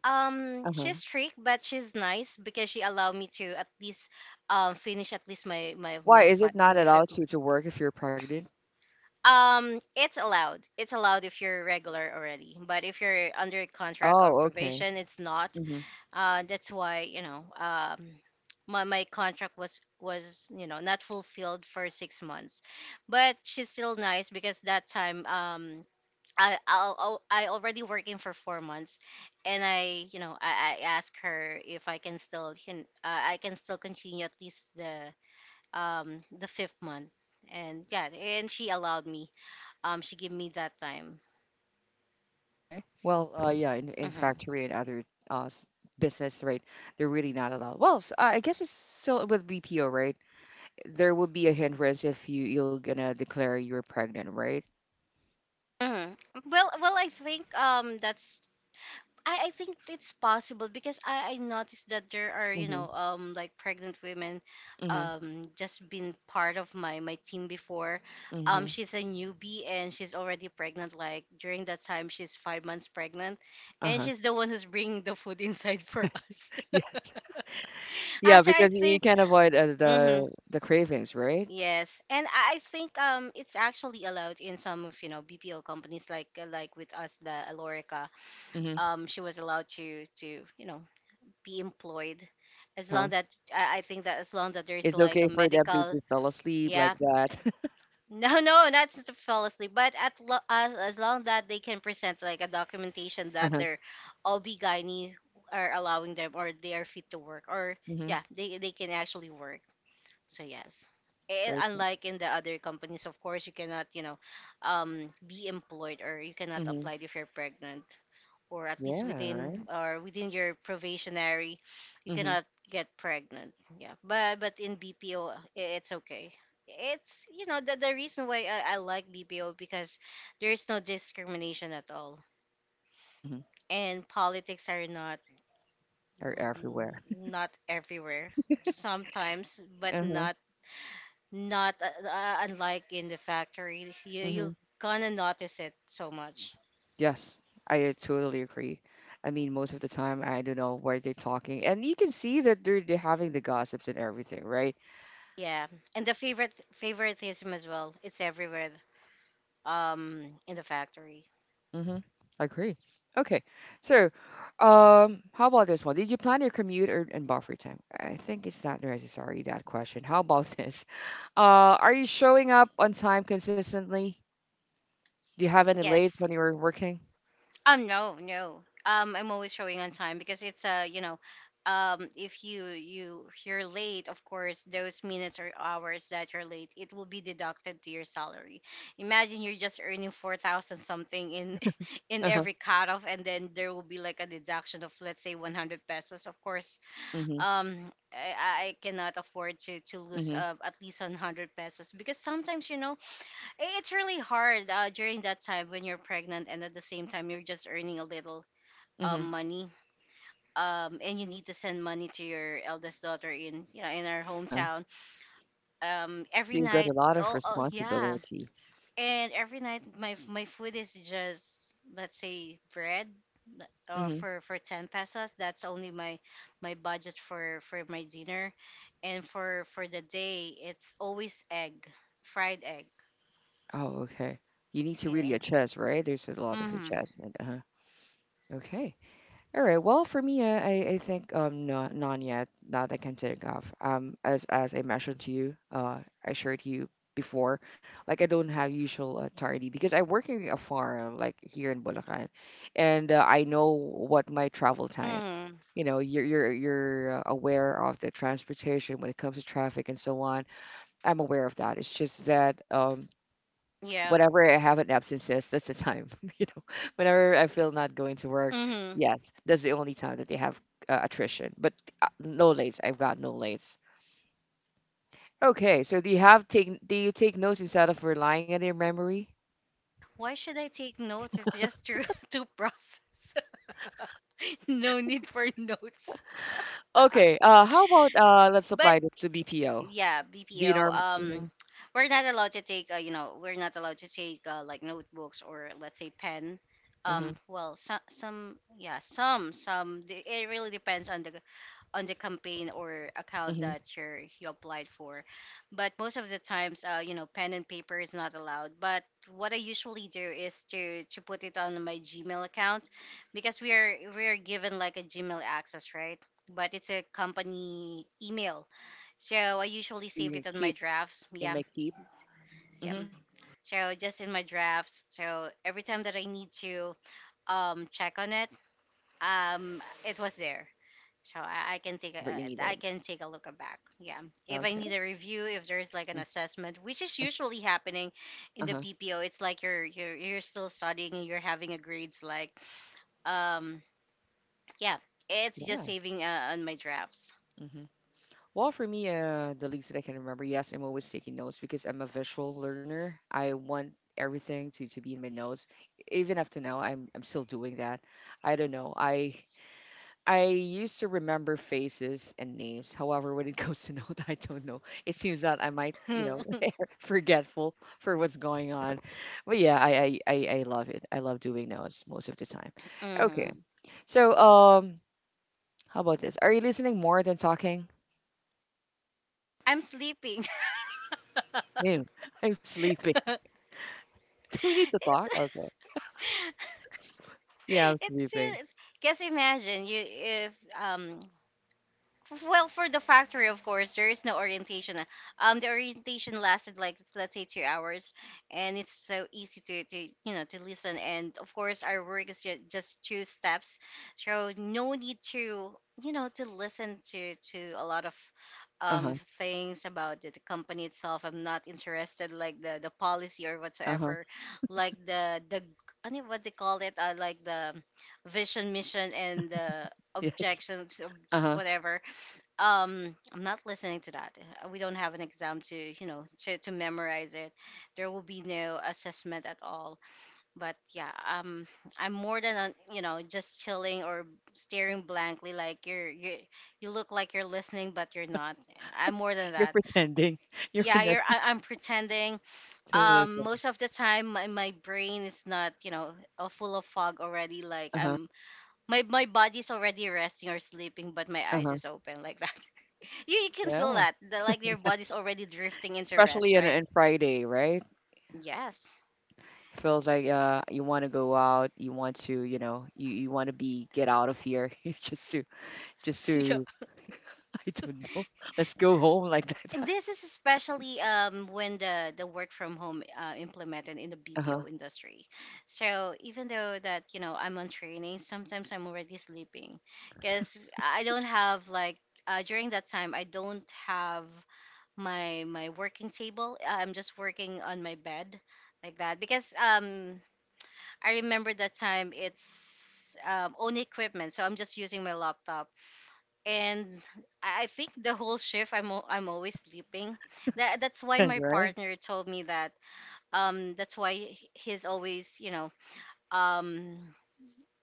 She's
Uh-huh.
strict, but she's nice, because she allowed me to at least finish at least my my
Why
my
is it
fi-
not
my fif-
allowed to work if you're pregnant?
it's allowed. It's allowed if you're regular already, but if you're under contract or
Oh, okay.
probation, it's not.
Mhm.
That's why, you know, my contract was— was, you know, not fulfilled for 6 months, but she's still nice because that time, I already working for 4 months, and I, you know, I asked her if I can still can I can still continue at least the fifth month, and yeah, and she allowed me. She gave me that time.
Okay. Well, yeah, in
Hmm.
factory and other uh s- business, right? They're really not allowed. Well, s I guess it's still with BPO, right? There will be a hindrance if you you're gonna declare you're pregnant, right?
Hmm. Well, well, I think that's— I think it's possible, because I noticed that there are, you
Mhm.
know, like pregnant women
Mhm.
just been part of my team before.
Mhm.
She's a newbie and she's already pregnant, like during that time she's 5 months pregnant, and
Uh-huh.
she's the one who's bringing the food <laughs> inside
<laughs>
for
Yes.
us. <laughs>
Yes.
Ah,
Yeah,
so I
because you
think—
can't avoid
mhm.
the cravings, right?
Yes, and I think, it's actually allowed in some of, you know, BPO companies, like with us, the Alorica.
Mhm.
She was allowed to you know, be employed, as
Uh-huh.
long that— I think that as long that there's
It's
like a
okay for them
medical—
to fall asleep
yeah.
like that.
<laughs>
<laughs>
No, no, not to fall asleep, but at as long that they can present like a documentation that
Uh-huh.
their OB gynae are allowing them, or they are fit to work, or—
Hmm.
yeah, they can actually work. So yes. And
Okay.
unlike in the other companies, of course, you cannot, you know, be employed, or you cannot
Hmm.
apply if you're pregnant, or at least
Yeah,
within,
right.
or within your probationary, you
Hmm.
cannot get pregnant. Yeah, but in BPO, it's okay. It's— you know, the reason why I like BPO, because there is no discrimination at all,
Hmm.
and politics are not—
Are everywhere.
mm,
<laughs>
not everywhere. Sometimes, but
Uh-huh.
not— not unlike in the factory. You—
Hmm.
you're gonna notice it so much.
Yes, I totally agree. I mean, most of the time, I don't know why they're talking, and you can see that they're having the gossips and everything, right?
Yeah, and the favorite— favoritism as well. It's everywhere. Um, in the factory.
Mm-hmm. I agree. Okay, so, how about this one? Did you plan your commute or and buffer time? I think it's not necessary that question. How about <laughs> this? Are you showing up on time consistently? Do you have any lates
Yes.
when you were working?
No, no. I'm always showing on time, because it's, you know, if you you're late, of course, those minutes or hours that you're late, it will be deducted to your salary. Imagine you're just earning 4,000 something in <laughs> in
Uh-huh.
every cutoff, and then there will be like a deduction of, let's say, 100 pesos. Of course,
Mm-hmm.
I cannot afford to lose,
Mm-hmm.
at least 100 pesos, because sometimes, you know, it's really hard, during that time when you're pregnant, and at the same time you're just earning a little,
Mm-hmm.
money, and you need to send money to your eldest daughter in, you know, in our
Uh-huh.
hometown, every
So you've got
night.
a lot of
Oh, oh yeah.
responsibility.
And every night my my food is just, let's say, bread or
Mm-hmm.
for 10 pesos, that's only my my budget for my dinner. And for the day, it's always egg, fried egg.
Oh, okay. You need to really
Eh.
adjust, right? There's a lot of
Mm-hmm.
adjustment. Uh-huh. Okay. All right. Well, for me, I think no, none yet that I can think of. As I mentioned to you, I shared to you before, like I don't have usual tardy because I work in a farm, like here in Bulacan, and I know what my travel time.
Mm-hmm.
You know, you're aware of the transportation when it comes to traffic and so on. I'm aware of that. It's just that
Yeah.
whenever I have an absences, that's the time. <laughs> You know, whenever I feel not going to work,
Mm-hmm.
yes, that's the only time that they have attrition. But no lates, I've got no lates. Okay, so do you have take do you take notes instead of relying on your memory?
Why should I take notes? It's just to <laughs> to process. <laughs> No need for notes.
Okay, how about let's
But
apply this to BPO.
yeah,
Do you
BPO.
norm? Mhm,
We're not allowed to take— uh, you know, we're not allowed to take, like notebooks, or let's say pen.
mhm,
Well, some, yeah, some, some. It really depends on the campaign or account
mhm.
that you're, you applied for. But most of the times, you know, pen and paper is not allowed. But what I usually do is to put it on my Gmail account, because we are given like a Gmail access, right? But it's a company email, so I usually save
You
it on my
keep
drafts.
in
Yeah,
my keep
yeah.
mhm.
So just in my drafts. So every time that I need to check on it, it was there. So I can take a—
Whenever you needed.
I can take a look back. Yeah, if I
Okay.
need a review, if there's like an assessment, which is usually happening
Uh
in the
huh.
BPO, it's like you're— you're still studying, and you're having a grades, like, um yeah, it's just
Yeah.
saving, on my drafts.
Hmm. Well, for me, the least that I can remember, yes, I'm always taking notes because I'm a visual learner. I want everything to be in my notes. Even up to now, I'm still doing that. I don't know. I used to remember faces and names. However, when it <laughs> goes to note, <laughs> I don't know. It seems that I might,
<laughs>
you know,
Hmm.
<laughs> forgetful for what's going on. But yeah, I love it. I love doing notes most of the time. Okay.
I'm
So how about this? Are you listening more than talking? <laughs>
sleeping. <laughs>
Damn, I'm sleeping. <laughs> Do we need to talk?
it's
Okay. Yeah, I'm
<laughs> it's,
sleeping.
it's guess, imagine you, if well, for the factory, of course, there is no orientation. The orientation lasted like, let's say, 2 hours, and it's so easy to you know to listen. And of course, our work is just two steps, so no need to, you know, to listen to a lot of um
Uh-huh.
things about the company itself. I'm not interested like the policy or
Uh-huh.
whatsoever,
<laughs>
like the I don't know what they call it, like the vision, mission, and the
Yes.
objections of
Uh-huh.
whatever. I'm not listening to that. We don't have an exam to to memorize it. There will be no assessment at all, but yeah. I'm more than just chilling or staring blankly like you you look like you're listening but you're not. I'm more than
You're
that.
pretending. <laughs> You're
Yeah,
pretending
I'm pretending.
to listen.
Most of the time my brain is not, full of fog already. Like
Uh-huh.
I'm my my body's already resting or sleeping but my eyes
Uh-huh.
is open like that. You can feel
Yeah.
that
<laughs>
like your body's
Yes.
already drifting into rest,
Especially
right?
on Friday, right?
Yes.
It feels like you want to go out, you want to, you know, you want to be get out of here <laughs> just to just
<laughs> Yeah.
to <laughs> I don't know. Let's go home like that.
And
<laughs>
this is especially when the work from home implemented in the
Uh-huh.
bpo industry. So even though that you know I'm on training, sometimes I'm already sleeping because I don't have like, during that time I don't have my working table. I'm just working on my bed like that because um, I remember that time it's own equipment, so I'm just using my laptop. And I think the whole shift I'm always sleeping. That's why
Yes,
my
right?
partner told me that. That's why he's always, um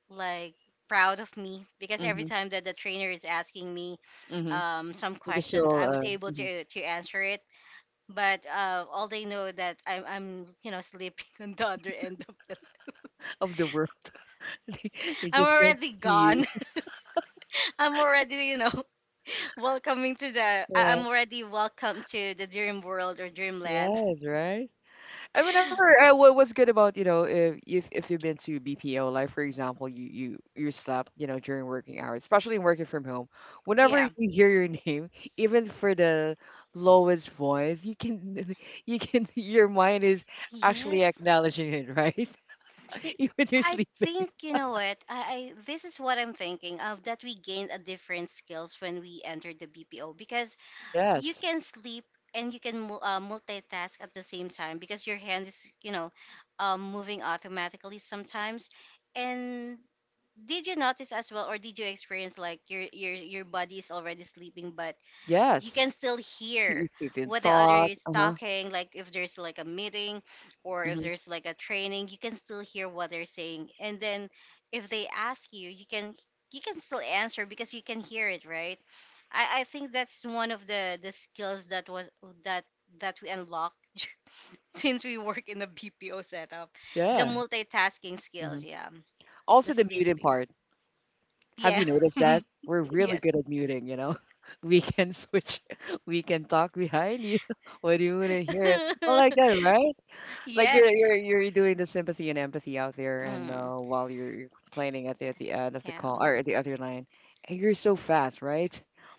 like proud of me because every
Mm-hmm.
time that the trainer is asking me
Mm-hmm.
some
You can
questions,
still
I was able
mhm.
to answer it. But all they know that I'm you know sleeping <laughs> on the other end of the.
Of the world. <laughs> They, they
I'm
just don't
already
see
gone.
you.
<laughs> I'm already, you know, Welcoming to the, I- I'm
Yeah.
already welcome to the dream world or dreamland. <laughs>
Yes, right. I remember what's good about if you've been to BPO, like for example, you slept, you know, during working hours, especially working from home. Whenever you
Yeah.
hear your <laughs> name, even for the lowest voice, you can <laughs> you can your mind is actually
Yes.
acknowledging it, right? <laughs>
It,
Even you're
I
sleeping.
think you know what I this is what I'm thinking of, that we gained a different skills when we entered the BPO because you
Yes,
can sleep and you can multitask at the same time because your hand is you know moving automatically sometimes. And did you notice as well or did you experience like your body is already sleeping but you
yes.
can still
See,
hear
it's in
what the other
thought.
is
Uh huh.
talking, like if there's like a meeting or
Hmm.
if there's like a training, you can still hear what they're saying. And then if they ask you, you can still answer because you can hear it, right? I think that's one of the skills that was that that we unlocked <laughs> since we work in a bpo setup. The
Yeah.
multitasking
Hmm.
skills, yeah. The
Also the muted
sleeping.
part. Have
Yeah.
you noticed that? We're
<laughs>
really
Yes.
good at muting, <laughs> We can switch, <laughs> we can talk behind you <laughs> when you wouldn't hear it. Well, like that, right?
<laughs>
Like you're
Yes.
you're you're doing the sympathy and empathy out there, and
Mm,
while you're complaining at the end of the
yeah.
call or at the other line, and you're so fast, right?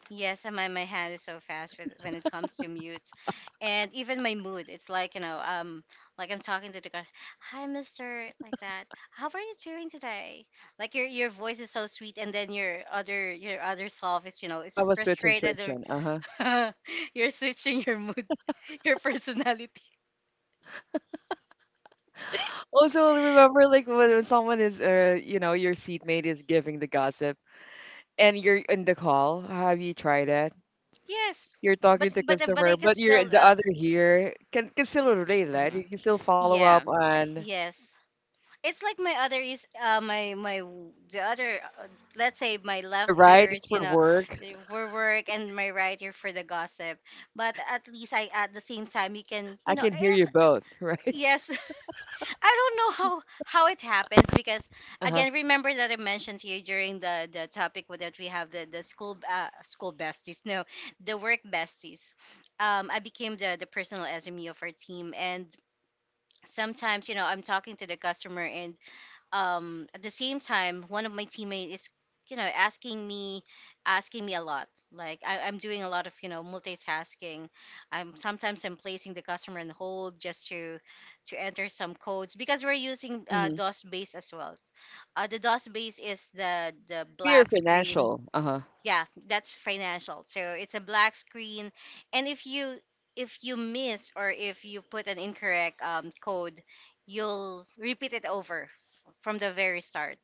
Yes, and my hand is so fast with, when it comes to mutes, and even my mood. It's like you know, like I'm talking to the guy, "Hi, Mister," like that. How are you doing today? Like your voice is so sweet, and then your other self is you know
You
is
have a switch and
frustrated
attrition. Uh-huh.
or <laughs> you're switching your mood, <laughs> your personality.
Also, remember, like when someone is, you know, your seatmate is giving the gossip, and you're in the call. Have you tried that?
Yes,
You're talking to
but I
consumer,
can
but you're
still
the other here can still relate, right? You
<clears throat>
can still follow up
yeah.
on
Yes. It's like my other is my my w- the other let's say my
the
left
right
ear is
is
you
for
know
work.
for work and my right ear for the gossip. But at least I at the same time you can
I
you know.
can hear
It's,
you both, <laughs> right?
yes. <laughs> I don't know how it happens because
Uh-huh.
again, remember that I mentioned to you during the topic with, that we have the school besties. No, the work besties. I became the personal SME of our team. And sometimes you know I'm talking to the customer, and at the same time one of my teammates is you know asking me a lot. Like I'm doing a lot of you know multitasking. I'm placing the customer on hold just to enter some codes because we're using
Hmm.
dos base as well. The dos base is the
Maybe you're
black screen.
financial. Uh-huh.
Yeah, that's financial, so it's a black screen. And if you miss or if you put an incorrect code, you'll repeat it over from the very start.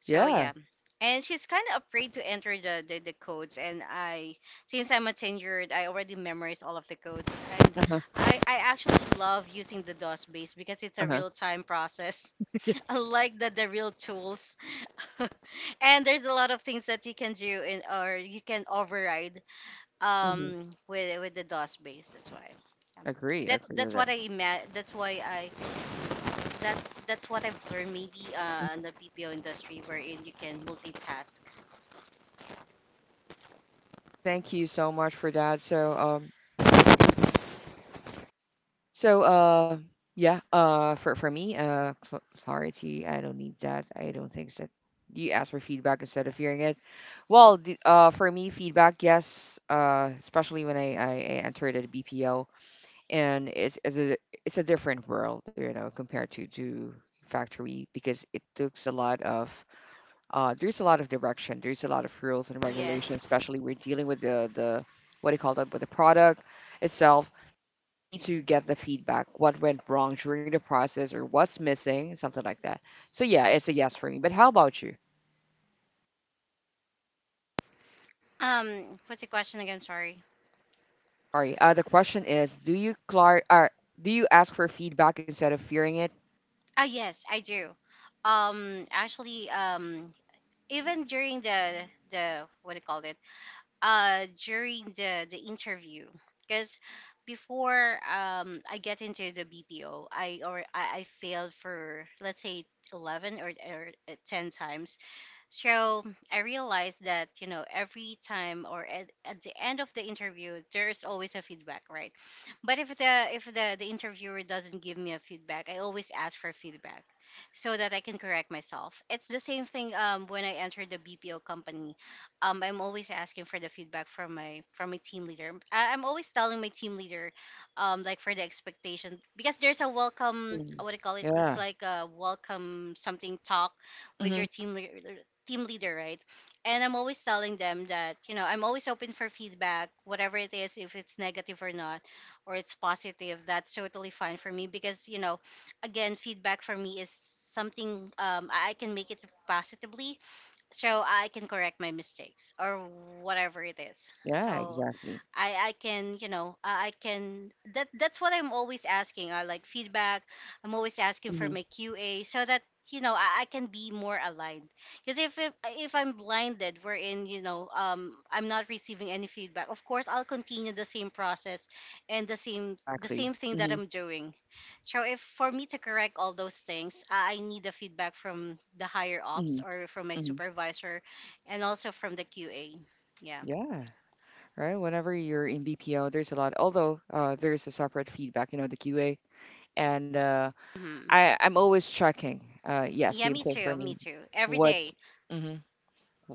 So
Yeah.
yeah. And she's kind of afraid to enter the, the codes. And I since I'm a tenured, I already memorized all of the codes. And
Uh-huh.
I actually love using the dos base because it's a
Uh-huh.
real time process.
<laughs>
I
Yes.
like the real tools. <laughs> And there's a lot of things that you can do in, or you can override
Hmm.
with the DOS base. That's why. Yeah.
Agree.
That's
Agree with
that's what
that.
that's why I that's what I've learned maybe in the BPO industry, wherein you can multitask.
Okay, thank you so much for that. So, uh, yeah, for me, clarity. I don't need that. I don't think that you ask for feedback instead of hearing it. Well, the, for me, feedback, yes, especially when I entered at BPO, and it's a different world, you know, compared to factory because it takes a lot of there's a lot of direction, there's a lot of rules and
Yes.
regulations, especially we're dealing with the what do you call that with the product itself. We need to get the feedback, what went wrong during the process or what's missing, something like that. So yeah, it's a yes for me, but how about you?
Um, what's the question again, sorry?
I'm sorry, the question is do you do you ask for feedback instead of fearing it?
Ah, yes, I do. Actually even during the what do you call it? Uh, during the interview. Because before I get into the BPO, I failed for let's say 11 or, 10 times. So I realized that you know every time or at the end of the interview there's always a feedback, right? But if the interviewer doesn't give me a feedback, I always ask for feedback so that I can correct myself. It's the same thing when I entered the BPO company. Um, I'm always asking for the feedback from my team leader. I'm always telling my team leader, like for the expectation, because there's a welcome. Uh,
Hmm.
what do you call it? It's
Yeah.
like a welcome something talk with
Hmm.
your team leader. Team leader, right? And I'm always telling them that you know I'm always open for feedback, whatever it is, if it's negative or not, or it's positive. That's totally fine for me because you know, again, feedback for me is something I can make it positively, so I can correct my mistakes or whatever it is.
Yeah,
So
exactly.
I can you know I can, that's what I'm always asking. I like feedback. I'm always asking for
Hmm.
my QA so that you know I can be more aligned. Because if I'm blinded, wherein you know I'm not receiving any feedback, of course I'll continue the same process and the
Exactly.
same thing that
Hmm.
I'm doing. So if for me to correct all those things, I need the feedback from the higher ups
Hmm.
or from my
Hmm.
supervisor and also from the QA. Yeah.
Yeah, right, whenever you're in BPO there's a lot, although there's a separate feedback, you know, the QA, and
Hmm.
I, I'm always checking, yeah,
Yeah,
same
me
thing for
too. Me
me.
too. Every day.
What's Mhm.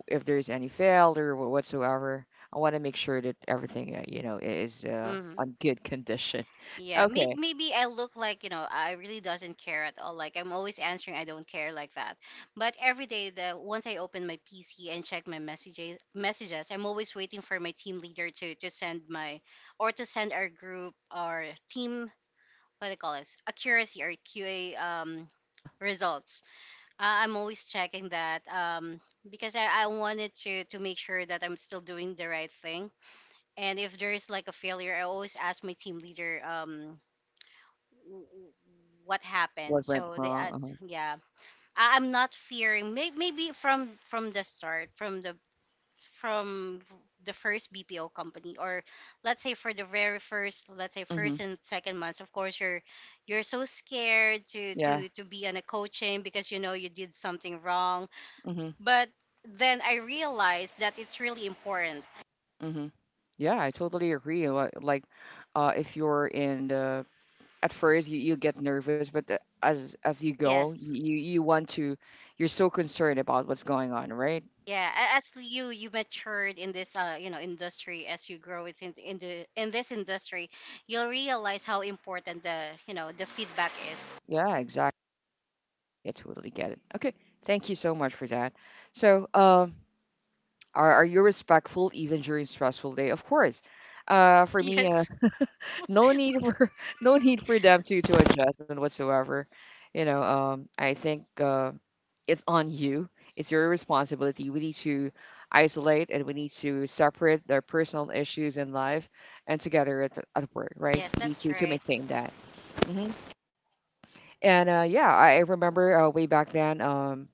if there's any failure whatsoever. I want to make sure that everything, you know, is
Mm-hmm.
on good condition. <laughs>
Yeah. Maybe,
Okay.
maybe I look like, you know, I really doesn't care at all. Like I'm always answering I don't care, like that. But every day the once I open my PC and check my messages, I'm always waiting for my team leader to send my or to send our group, our team, what do you call this, accuracy or QA
Uh huh.
results. I'm always checking that because I wanted to make sure that I'm still doing the right thing. And if there is like a failure, I always ask my team leader w- w- what
What
happened.
went
So they,
wrong? Uh huh.
yeah, I'm not fearing. Maybe from the start, from the first BPO company, or let's say for the very first, let's say
Mhm.
first and second months, of course you're so scared to
Yeah.
be on a coaching because you know you did something wrong.
Mhm.
But then I realized that it's really important.
Mhm. Yeah, I totally agree. Like, if you're in the at first, you get nervous, but as you go,
Yes.
you want to, you're so concerned about what's going on, right?
Yeah, as you you matured in this you know industry, as you grow within in this industry, you'll realize how important the you know the feedback is.
Yeah, exactly. I totally get it. Okay, thank you so much for that. So, um, are you respectful even during stressful day? Of course. For me,
Yes.
no need for <laughs> no need for them to adjust and whatsoever. You know, I think it's on you. It's your responsibility. We need to isolate and we need to separate their personal issues in life and together at work, right?
Yes,
We need
that's
to
right.
maintain that. Hmm. And yeah, I remember way back then,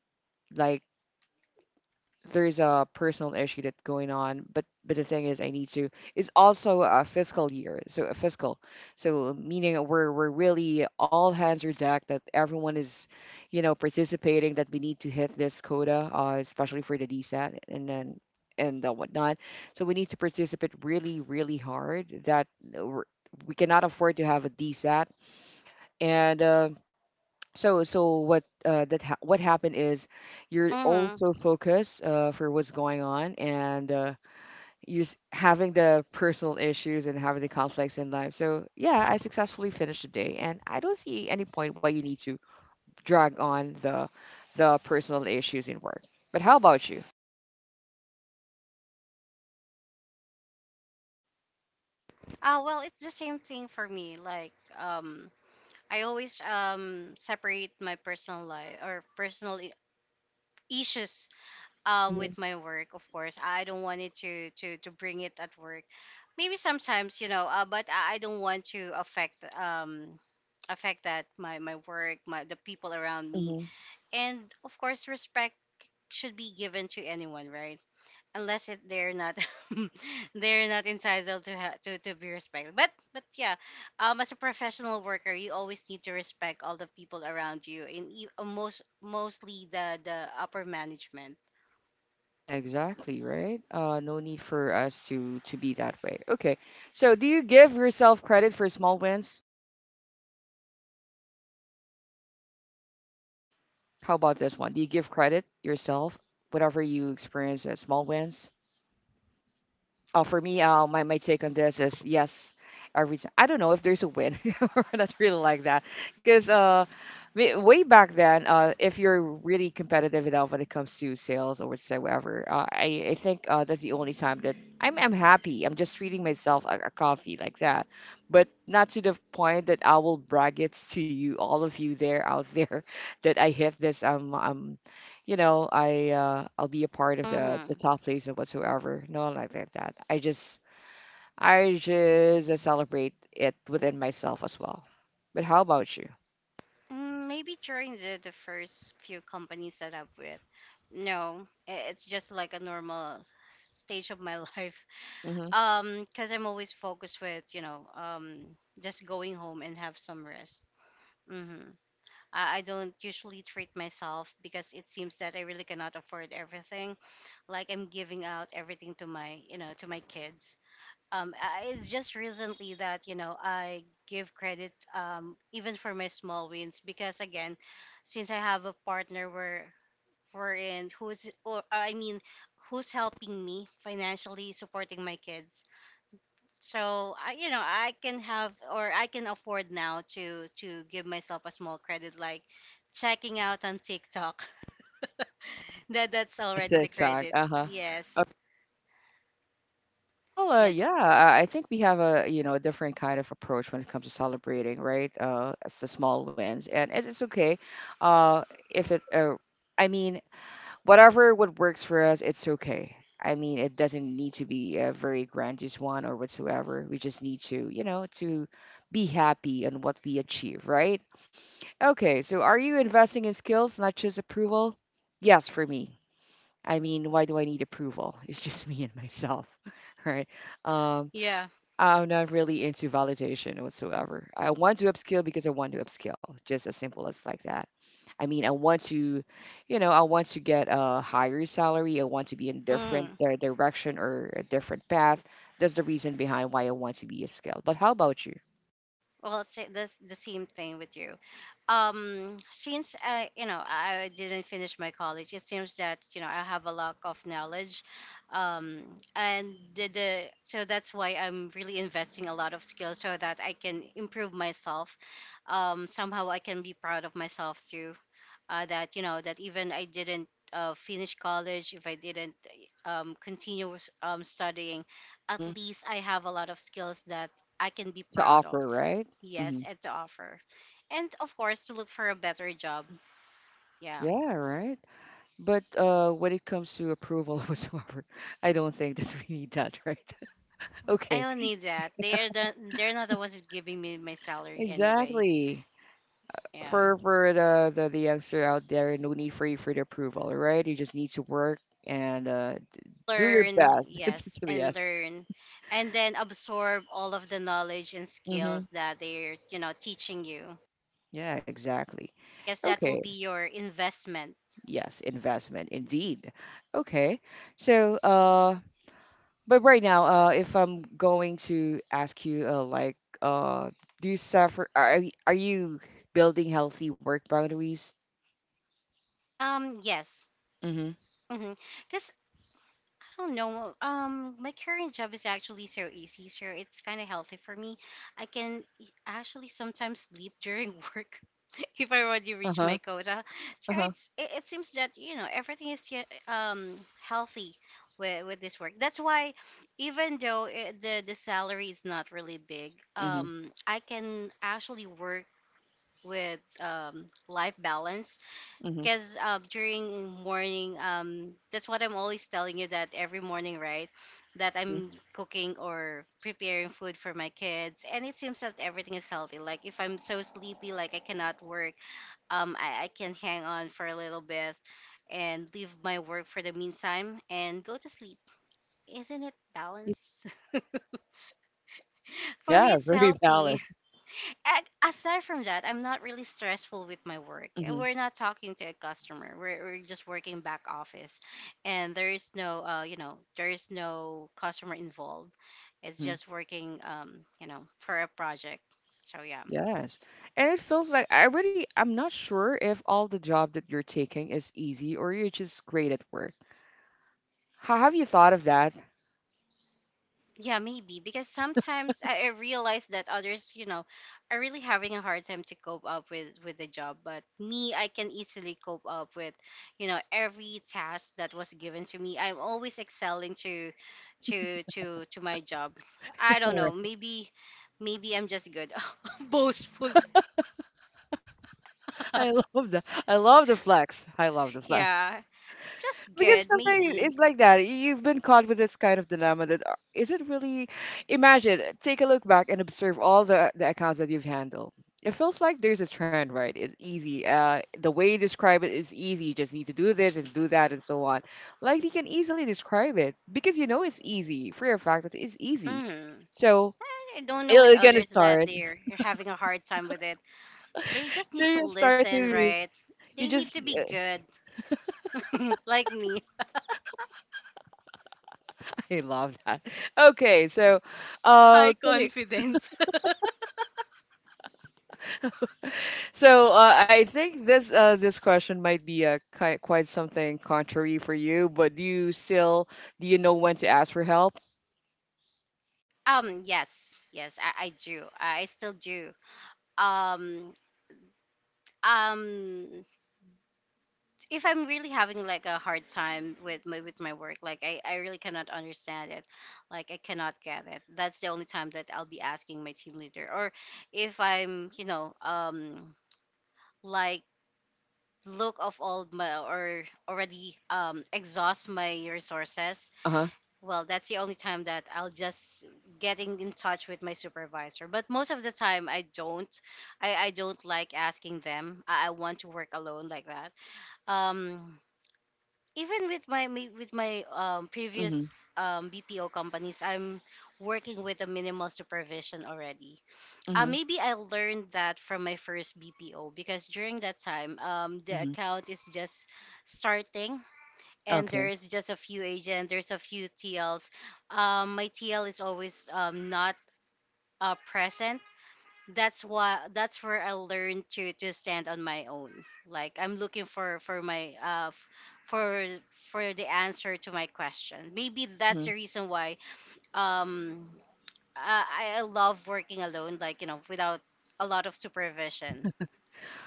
like there's a personal issue that's going on, but the thing is I need to, it's also a fiscal year, so a fiscal, so meaning we're really all hands are decked, that everyone is, you know, participating, that we need to hit this quota, especially for the DSAT, and then and whatnot. So we need to participate really really hard, that we're, we cannot afford to have a DSAT, and so, so what, that ha what happened is you're
Mhm.
also focused, for what's going on, and you're having the personal issues and having the conflicts in life. So, yeah, I successfully finished the day, and I don't see any point why you need to drag on the personal issues in work. But how about you?
Oh, well, it's the same thing for me. Like, um, I always separate my personal life or issues
Hmm.
with my work. Of course, I don't want it to bring it at work. Maybe sometimes, you know, but I don't want to affect affect that my work, my the people around me,
Hmm.
and of course, respect should be given to anyone, right? Unless it, they're not <laughs> they're not entitled to, to be respected, but yeah, as a professional worker you always need to respect all the people around you in mostly the upper management.
Yeah, exactly, right? No need for us to be that way. Okay. So, do you give yourself credit for small wins? How about this one? Do you give credit yourself, whatever you experience as small wins? Oh, for me, my, my take on this is yes, every time. I don't know if there's a win. <laughs> We're not really like that. Because way back then, if you're really competitive enough when it comes to sales or whatsoever, I think that's the only time that I'm happy. I'm just treating myself a coffee, like that. But not to the point that I will brag it to you, all of you there out there, <laughs> that I hit this you know, I'll be a part of
Mm-hmm.
the top place or whatsoever. No, like that. I just celebrate it within myself as well. But how about you?
Mm, maybe during the first few companies that I've with, no it's just like a normal stage of my <laughs> life.
Mm-hmm.
Um because I'm always focused with you know just going home and have some rest. Mm-hmm. I don't usually treat myself because it seems that I really cannot afford everything. Like I'm giving out everything to my, you know, to my kids. It's just recently that you know I give credit even for my small wins. Because again, since I have a partner where we're in who's or I mean who's helping me financially supporting my kids. So I, you know I can have, or I can afford now to give myself a small credit, like checking out on tiktok. <laughs> That that's
That's
already
the
the
exact.
credit.
Uh huh.
Yes.
Well, yeah,
Yes.
I think we have a, you know, a different kind of approach when it comes to celebrating, right? It's the small wins, and it's okay. Uh, if it, I mean, whatever what works for us, it's okay. I mean, it doesn't need to be a very grandiose one or whatsoever. We just need to, you know, to be happy on what we achieve, right? Okay, so are you investing in skills, not just approval? Yes, for me. I mean, why do I need approval? It's just <laughs> me and myself, <laughs> right? Um,
Yeah.
I'm not really into validation whatsoever. I want to upskill because I want to upskill, just as simple as like that. I mean, I want to, you know, I want to get a higher salary. I want to be in different
Mm.
direction or a different path. That's the reason behind why I want to be upskilled. But how about you?
Well, that's the same thing with you. Since I, you know, I didn't finish my college, it seems that you know I have a lack of knowledge, um, and the so that's why I'm really investing a lot of skills so that I can improve myself. Somehow I can be proud of myself too, that you know that even I didn't finish college, if I didn't continue with, studying, at
Hmm.
least I have a lot of skills that I can be
To
proud of.
offer, right? Hmm.
Yes, and to offer, and of course to look for a better job. Yeah,
Yeah, right. But when it comes to approval <laughs> whatsoever, I don't think that we need that, right? <laughs>
I
Okay,
don't need that. They're not the ones who's giving me my salary anyway.
exactly.
Yeah,
For the youngster out there, no need for you for the approval, right? You just need to work and do your
learn,
best. <laughs> It's
yes, and
yes.
learn, and then absorb all of the knowledge and
Hmm.
skills that they're, you know, teaching you
Yeah, exactly.
because that
Okay.
will be your investment.
Yes, investment indeed. Okay. So, but right now, if I'm going to ask you, like, uh, do you suffer? Are are you building healthy work boundaries?
Yes.
Mm-hmm.
Because I don't know. My current job is actually so easy, so it's kind of healthy for me. I can e, actually sometimes sleep during <laughs> work if I already reach my
Uh-huh.
quota. So
Uh-huh.
it's it, it seems that you know everything is yeah, healthy with this work. That's why even though it, the salary is not really big,
Mm-hmm.
I can actually work with, um, life balance
Mm-hmm.
because, during morning, that's what I'm always telling you, that every morning, right, that
Mm-hmm.
I'm cooking or preparing food for my kids, and it seems that everything is healthy. Like if I'm so sleepy, like I cannot work, I can hang on for a little bit and leave my work for the meantime and go to sleep. Isn't it balanced? <laughs> For me
Yeah, <laughs>
it's
very
healthy.
balanced.
A- aside from that, I'm not really stressful with my work.
Mm-hmm.
And we're not talking to a customer. We're just working back office, and there is no, you know, there is no customer involved. It's
Mm-hmm.
just working, you know, for a project. So yeah.
Yes. And it feels like I really, I'm not sure if all the job that you're taking is easy or you're just great at work. How have you thought of that?
Yeah, maybe because sometimes I realize that others, you know, are really having a hard time to cope up with the job. But me, I can easily cope up with, you know, every task that was given to me. I'm always excelling to, to my job. I don't know.
Correct.
Maybe, maybe I'm just good, <laughs> boastful.
I <laughs>
<laughs>
love the I love the flex. I love the flex.
Yeah, just
Because
good.
sometimes
Maybe.
it's like that. You've been caught with this kind of dilemma that is it really? Imagine, take a look back and observe all the accounts that you've handled. It feels like there's a trend, right? It's easy. The way you describe it is easy. You just need to do this and do that and so on. Like you can easily describe it because you know it's easy for a fact that it's easy.
hmm
So
I don't know with
you're gonna
others that
start.
they're
<laughs>
having a hard time with it. They just
So
need to
you start
listen,
to
right?
you
They need
just
to be good, <laughs> like me.
<laughs> I love that. Okay, so
High
can you
confidence. <laughs>
so I think this this question might be quite something contrary for you, but do you still do you know when to ask for help?
Yes, yes, I do. I still do. Um, um, if I'm really having like a hard time with my work, like I really cannot understand it, like I cannot get it. That's the only time that I'll be asking my team leader, or if I'm, you know, like, look of all my, or already, um, exhaust my resources,
Uh huh.
well that's the only time that I'll just getting in touch with my supervisor. But most of the time I don't, I don't like asking them. I want to work alone, like that. um Even with my
Mhm.
previous, BPO companies, I'm working with a minimal supervision already.
Mhm.
Maybe I learned that from my first BPO because during that time, the
Mhm.
account is just starting and
Okay.
there's just a few agent, there's a few TLs. My TL is always, not, present. That's why that's where I learned to stand on my own. Like I'm looking for my for the answer to my question. Maybe that's
Mhm.
the reason why, um I, love working alone. Like you know, without a lot of supervision.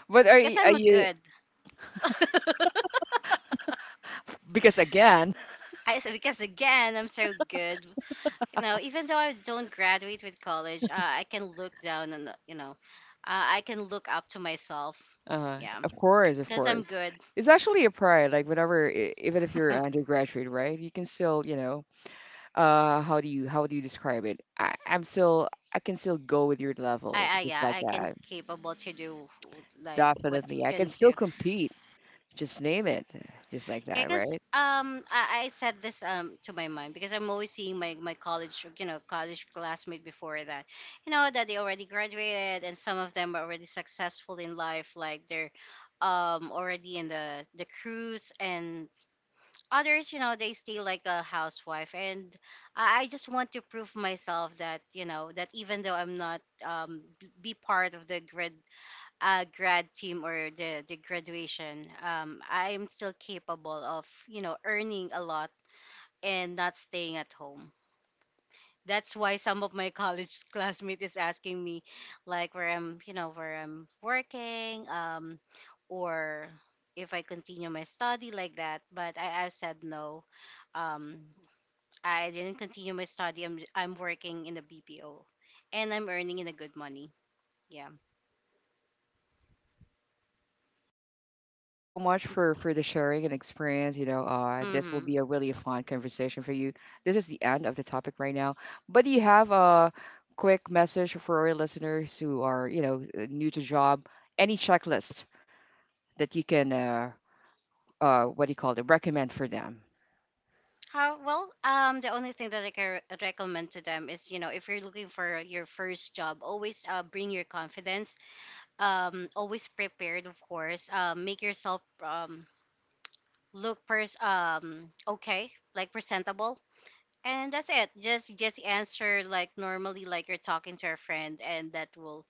But
Because
are
I'm a
you
good. <laughs>
because again, <laughs>
I, because again I'm so good. You know, even though I don't graduate with college, I can look down and, you know, I can look up to myself. Yeah,
of
because I'm
course,
good.
it's actually a pride. Like whenever, even if
<laughs>
you're
I,
an undergraduate, right, you can still, you know, how do you describe it? I'm still I can still go with your level, just
yeah,
like
I can
that.
capable to do like what you
Definitely, I can
can
still
do.
compete, just name it, just like
Yeah,
that,
because
right?
I said this, um, to my mom because I'm always seeing my college, you know, college classmate before that, you know, that they already graduated and some of them are already successful in life, like they're, already in the cruise, and others, you know, they stay like a housewife. And I just want to prove myself that, you know, that even though I'm not, be part of the grad, grad team, or the graduation, I'm still capable of, you know, earning a lot and not staying at home. That's why some of my <laughs> college classmates is asking me, like where I'm, you know, where I'm working, or if I continue my study, like that. But I said no. Um, I didn't continue my study. I'm working in the BPO, and I'm earning in a good money. Yeah.
So much for the sharing and experience, you know, uh, this will
Mm-hmm.
be a really fun conversation for you. This is the end of the topic right now, but do you have a quick message for our listeners who are, you know, new to job? Any checklist that you can what do you call it, recommend for them?
How well? The only thing that I can recommend to them is, you know, if you're looking for your first job, always, bring your confidence, um, always prepared, of course, um, make yourself, um, look okay, like presentable. And that's it. Just answer like normally, like you're talking to a friend. And that will,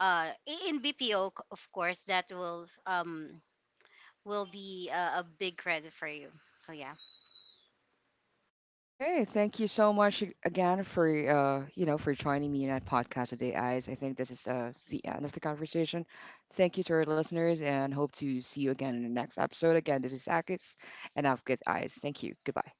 in BPO, of course, that will, will be, a big credit for you. Oh, yeah.
Okay, thank you so much again for you know, for joining me in that podcast today, guys. I think this is the end of the conversation. Thank you to our listeners and hope to see you again in the next episode. Again, this is Akis and I've got eyes. Thank you. Goodbye.